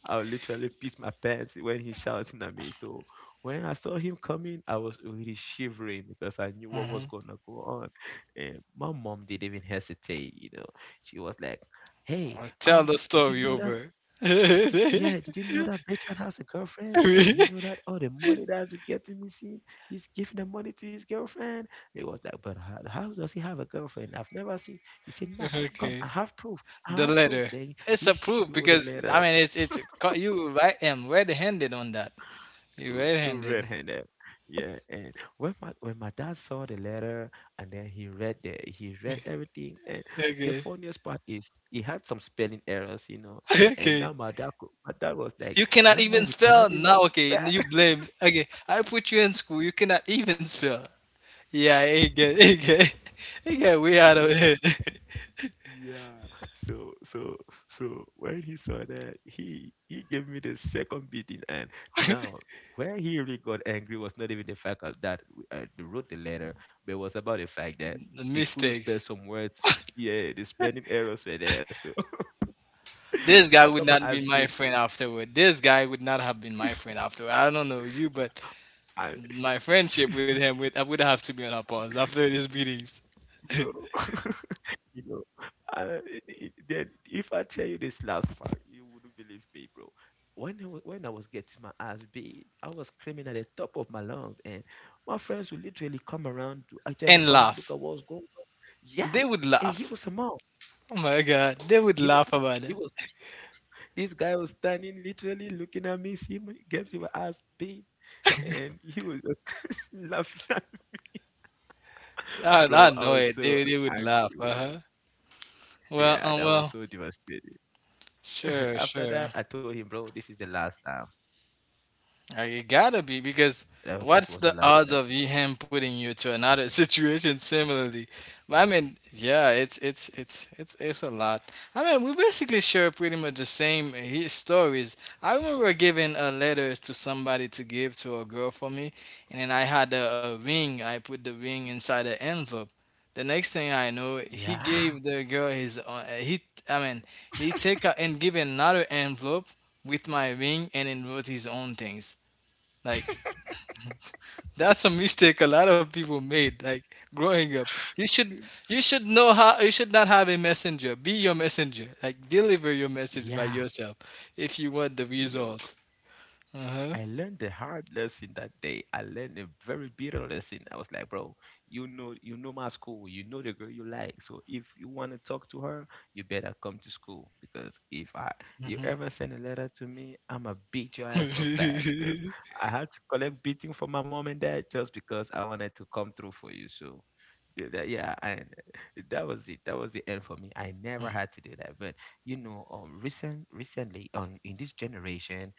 [SPEAKER 2] I would literally piss my pants when he shouting at me. So when I saw him coming, I was really shivering because I knew what was gonna go on. And my mom didn't even hesitate, you know. She was like, "Hey,
[SPEAKER 1] Tell
[SPEAKER 2] um,
[SPEAKER 1] the
[SPEAKER 2] did you
[SPEAKER 1] story
[SPEAKER 2] know that
[SPEAKER 1] over.
[SPEAKER 2] yeah, did you know that Bertrand has a girlfriend? Do you know that all the money that's getting missing, he's giving the money to his girlfriend?" It was like, "But how does he have a girlfriend? I've never seen." He said, "No, come, I
[SPEAKER 1] Okay.
[SPEAKER 2] have proof. I
[SPEAKER 1] The
[SPEAKER 2] have proof."
[SPEAKER 1] letter.
[SPEAKER 2] Then
[SPEAKER 1] It's
[SPEAKER 2] he
[SPEAKER 1] approved
[SPEAKER 2] showed the
[SPEAKER 1] because
[SPEAKER 2] letter.
[SPEAKER 1] you right am red-handed on that. You
[SPEAKER 2] So
[SPEAKER 1] red-handed.
[SPEAKER 2] red-handed. Yeah, and when my dad saw the letter and then he read everything. And the
[SPEAKER 1] Okay.
[SPEAKER 2] funniest part is he had some spelling errors, you know. And
[SPEAKER 1] Okay.
[SPEAKER 2] now my dad, my dad was
[SPEAKER 1] You
[SPEAKER 2] like,
[SPEAKER 1] cannot
[SPEAKER 2] "Young
[SPEAKER 1] even
[SPEAKER 2] man, you
[SPEAKER 1] spell
[SPEAKER 2] cannot even
[SPEAKER 1] now. Okay,
[SPEAKER 2] spell."
[SPEAKER 1] you blame. Okay, I put you in school. You cannot even spell. Yeah, it get it get way out of
[SPEAKER 2] Yeah,
[SPEAKER 1] it.
[SPEAKER 2] yeah. So, so, so when he saw that, he gave me the second beating. And now where he really got angry was not even the fact of that they wrote the letter, but it was about the fact that
[SPEAKER 1] The
[SPEAKER 2] they couldn't spell
[SPEAKER 1] mistakes.
[SPEAKER 2] some words. Yeah, the spelling errors were there, so
[SPEAKER 1] This
[SPEAKER 2] I
[SPEAKER 1] guy
[SPEAKER 2] got
[SPEAKER 1] would
[SPEAKER 2] my
[SPEAKER 1] not
[SPEAKER 2] ass
[SPEAKER 1] be
[SPEAKER 2] beat.
[SPEAKER 1] my friend afterward. This guy would not have been my friend afterward. I don't know you, but
[SPEAKER 2] I,
[SPEAKER 1] my friendship with him would. I would have to be on a pause after these meetings
[SPEAKER 2] bro. You know, uh, i- then if I tell you this last part, you wouldn't believe me, bro. When I, when I was getting my ass beat, I was screaming at the top of my lungs, and my friends would literally come around to actually
[SPEAKER 1] and
[SPEAKER 2] come look
[SPEAKER 1] laugh.
[SPEAKER 2] at what's going on. Yeah,
[SPEAKER 1] They would
[SPEAKER 2] and he
[SPEAKER 1] laugh.
[SPEAKER 2] was a mom.
[SPEAKER 1] Oh my God, they would
[SPEAKER 2] He was,
[SPEAKER 1] laugh about
[SPEAKER 2] he
[SPEAKER 1] it.
[SPEAKER 2] was. This guy was standing, literally looking at me, see me get my ass beat, and he was just laughing at me.
[SPEAKER 1] I
[SPEAKER 2] Bro, I
[SPEAKER 1] know
[SPEAKER 2] was
[SPEAKER 1] it.
[SPEAKER 2] so
[SPEAKER 1] They would laugh. Uh
[SPEAKER 2] angry.
[SPEAKER 1] huh. Well,
[SPEAKER 2] Yeah,
[SPEAKER 1] um,
[SPEAKER 2] that was
[SPEAKER 1] well,
[SPEAKER 2] so devastating. After that,
[SPEAKER 1] sure,
[SPEAKER 2] I told
[SPEAKER 1] sure.
[SPEAKER 2] him, bro, this is the last time.
[SPEAKER 1] You gotta be because
[SPEAKER 2] This was the last
[SPEAKER 1] what's
[SPEAKER 2] time.
[SPEAKER 1] the odds of him putting you to another situation similarly? But I mean, yeah, it's a lot. I mean, we basically share pretty much the same stories. I remember giving a letter to somebody to give to a girl for me, and then I had a ring. I put the ring inside the envelope. The next thing I know, he
[SPEAKER 2] Yeah,
[SPEAKER 1] gave the girl his. I mean, he take a, and give another envelope with my ring and then wrote his own things. Like that's a mistake a lot of people made. Like growing up, you should you should know how you should not have a messenger. Be your messenger. Like deliver your message by
[SPEAKER 2] yeah.
[SPEAKER 1] yourself if you want the
[SPEAKER 2] You know,
[SPEAKER 1] result. Uh
[SPEAKER 2] I learned the hard lesson that day. I learned a very bitter lesson. I was like, bro, you know my school. You know the girl you like. So if you want to talk to her, you better come to school, because if I— you ever send a letter to me, I'ma beat your
[SPEAKER 1] huh.
[SPEAKER 2] ass so bad because I had to collect beating from my mom and dad just because I wanted to come through for you. So. Yeah, and that was it. That was the end for me. I never had to do that. But you know, recently on in this generation,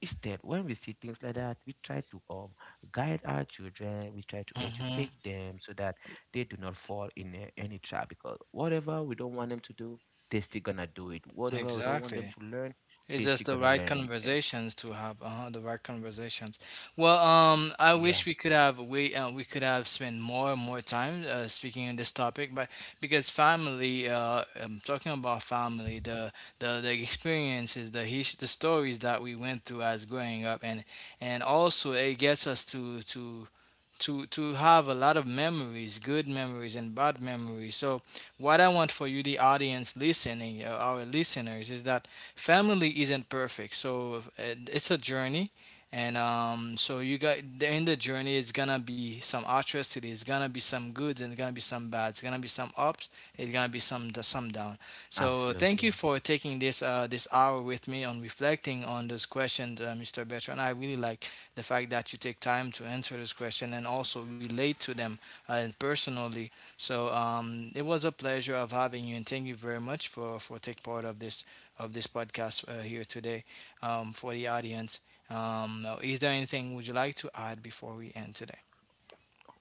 [SPEAKER 2] instead, when we see things like that, we try to guide our children, we try to educate them so that they do not fall in any trap, because whatever we don't want them to do, they're still gonna do it. Whatever we don't want them
[SPEAKER 1] Exactly.
[SPEAKER 2] to learn,
[SPEAKER 1] It's
[SPEAKER 2] they're
[SPEAKER 1] just
[SPEAKER 2] still
[SPEAKER 1] the
[SPEAKER 2] gonna
[SPEAKER 1] right
[SPEAKER 2] learn it. Eh,
[SPEAKER 1] conversations to have, the right conversations. Well, I
[SPEAKER 2] yeah,
[SPEAKER 1] wish we could have we could have spent more and more time speaking on this topic, but because family, I'm talking about family, the experiences, the stories that we went through as growing up, and also it gets us to have a lot of memories, good memories and bad memories. So what I want for you, the audience listening, our listeners, is that family isn't perfect, so it's a journey, and so you got in the journey, it's gonna be some atrocity, it's gonna be some good, and it's gonna be some bad, it's gonna be some ups, it's gonna be some down. So thank you
[SPEAKER 2] absolutely.
[SPEAKER 1] for taking this this hour with me on reflecting on this question, Mr. Bertrand. I really like the fact that you take time to answer this question and also relate to them personally. So it was a pleasure of having you, and thank you very much for take part of this podcast here today for the audience. Now, is there anything would you like to add before we end today?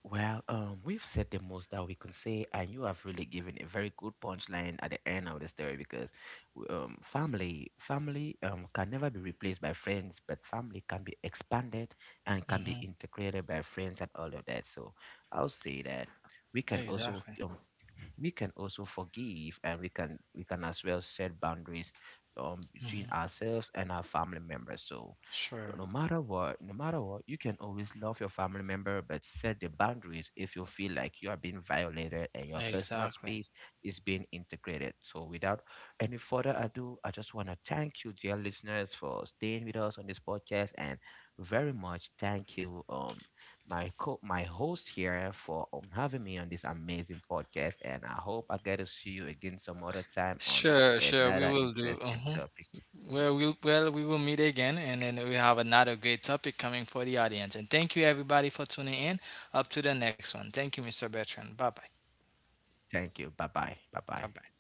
[SPEAKER 2] Well, we've said the most that we can say, and you have really given a very good punchline at the end of the story because family, family can never be replaced by friends, but family can be expanded and can be
[SPEAKER 1] Hmm.
[SPEAKER 2] integrated by friends and all of that. So I'll say that we can also
[SPEAKER 1] Exactly.
[SPEAKER 2] um, we can also forgive, and we can as well set boundaries between ourselves and our family members. So
[SPEAKER 1] Sure.
[SPEAKER 2] no matter what, no matter what, you can always love your family member, but set the boundaries if you feel like you are being violated and your personal
[SPEAKER 1] Exactly.
[SPEAKER 2] space is being integrated. So without any further ado, I just want to thank you, dear listeners, for staying with us on this podcast. And very much thank you, my host here, for having me on this amazing podcast. And I hope I get to see you again some other time on
[SPEAKER 1] Sure, sure, we
[SPEAKER 2] another
[SPEAKER 1] will do.
[SPEAKER 2] interesting
[SPEAKER 1] Uh-huh.
[SPEAKER 2] topic.
[SPEAKER 1] Well, we will meet again, and then we have another great topic coming for the audience. And thank you, everybody, for tuning in. Up to the next one. Thank you, Mr. Bertrand. Bye bye.
[SPEAKER 2] Thank you. Bye bye. Bye bye.
[SPEAKER 1] Bye bye.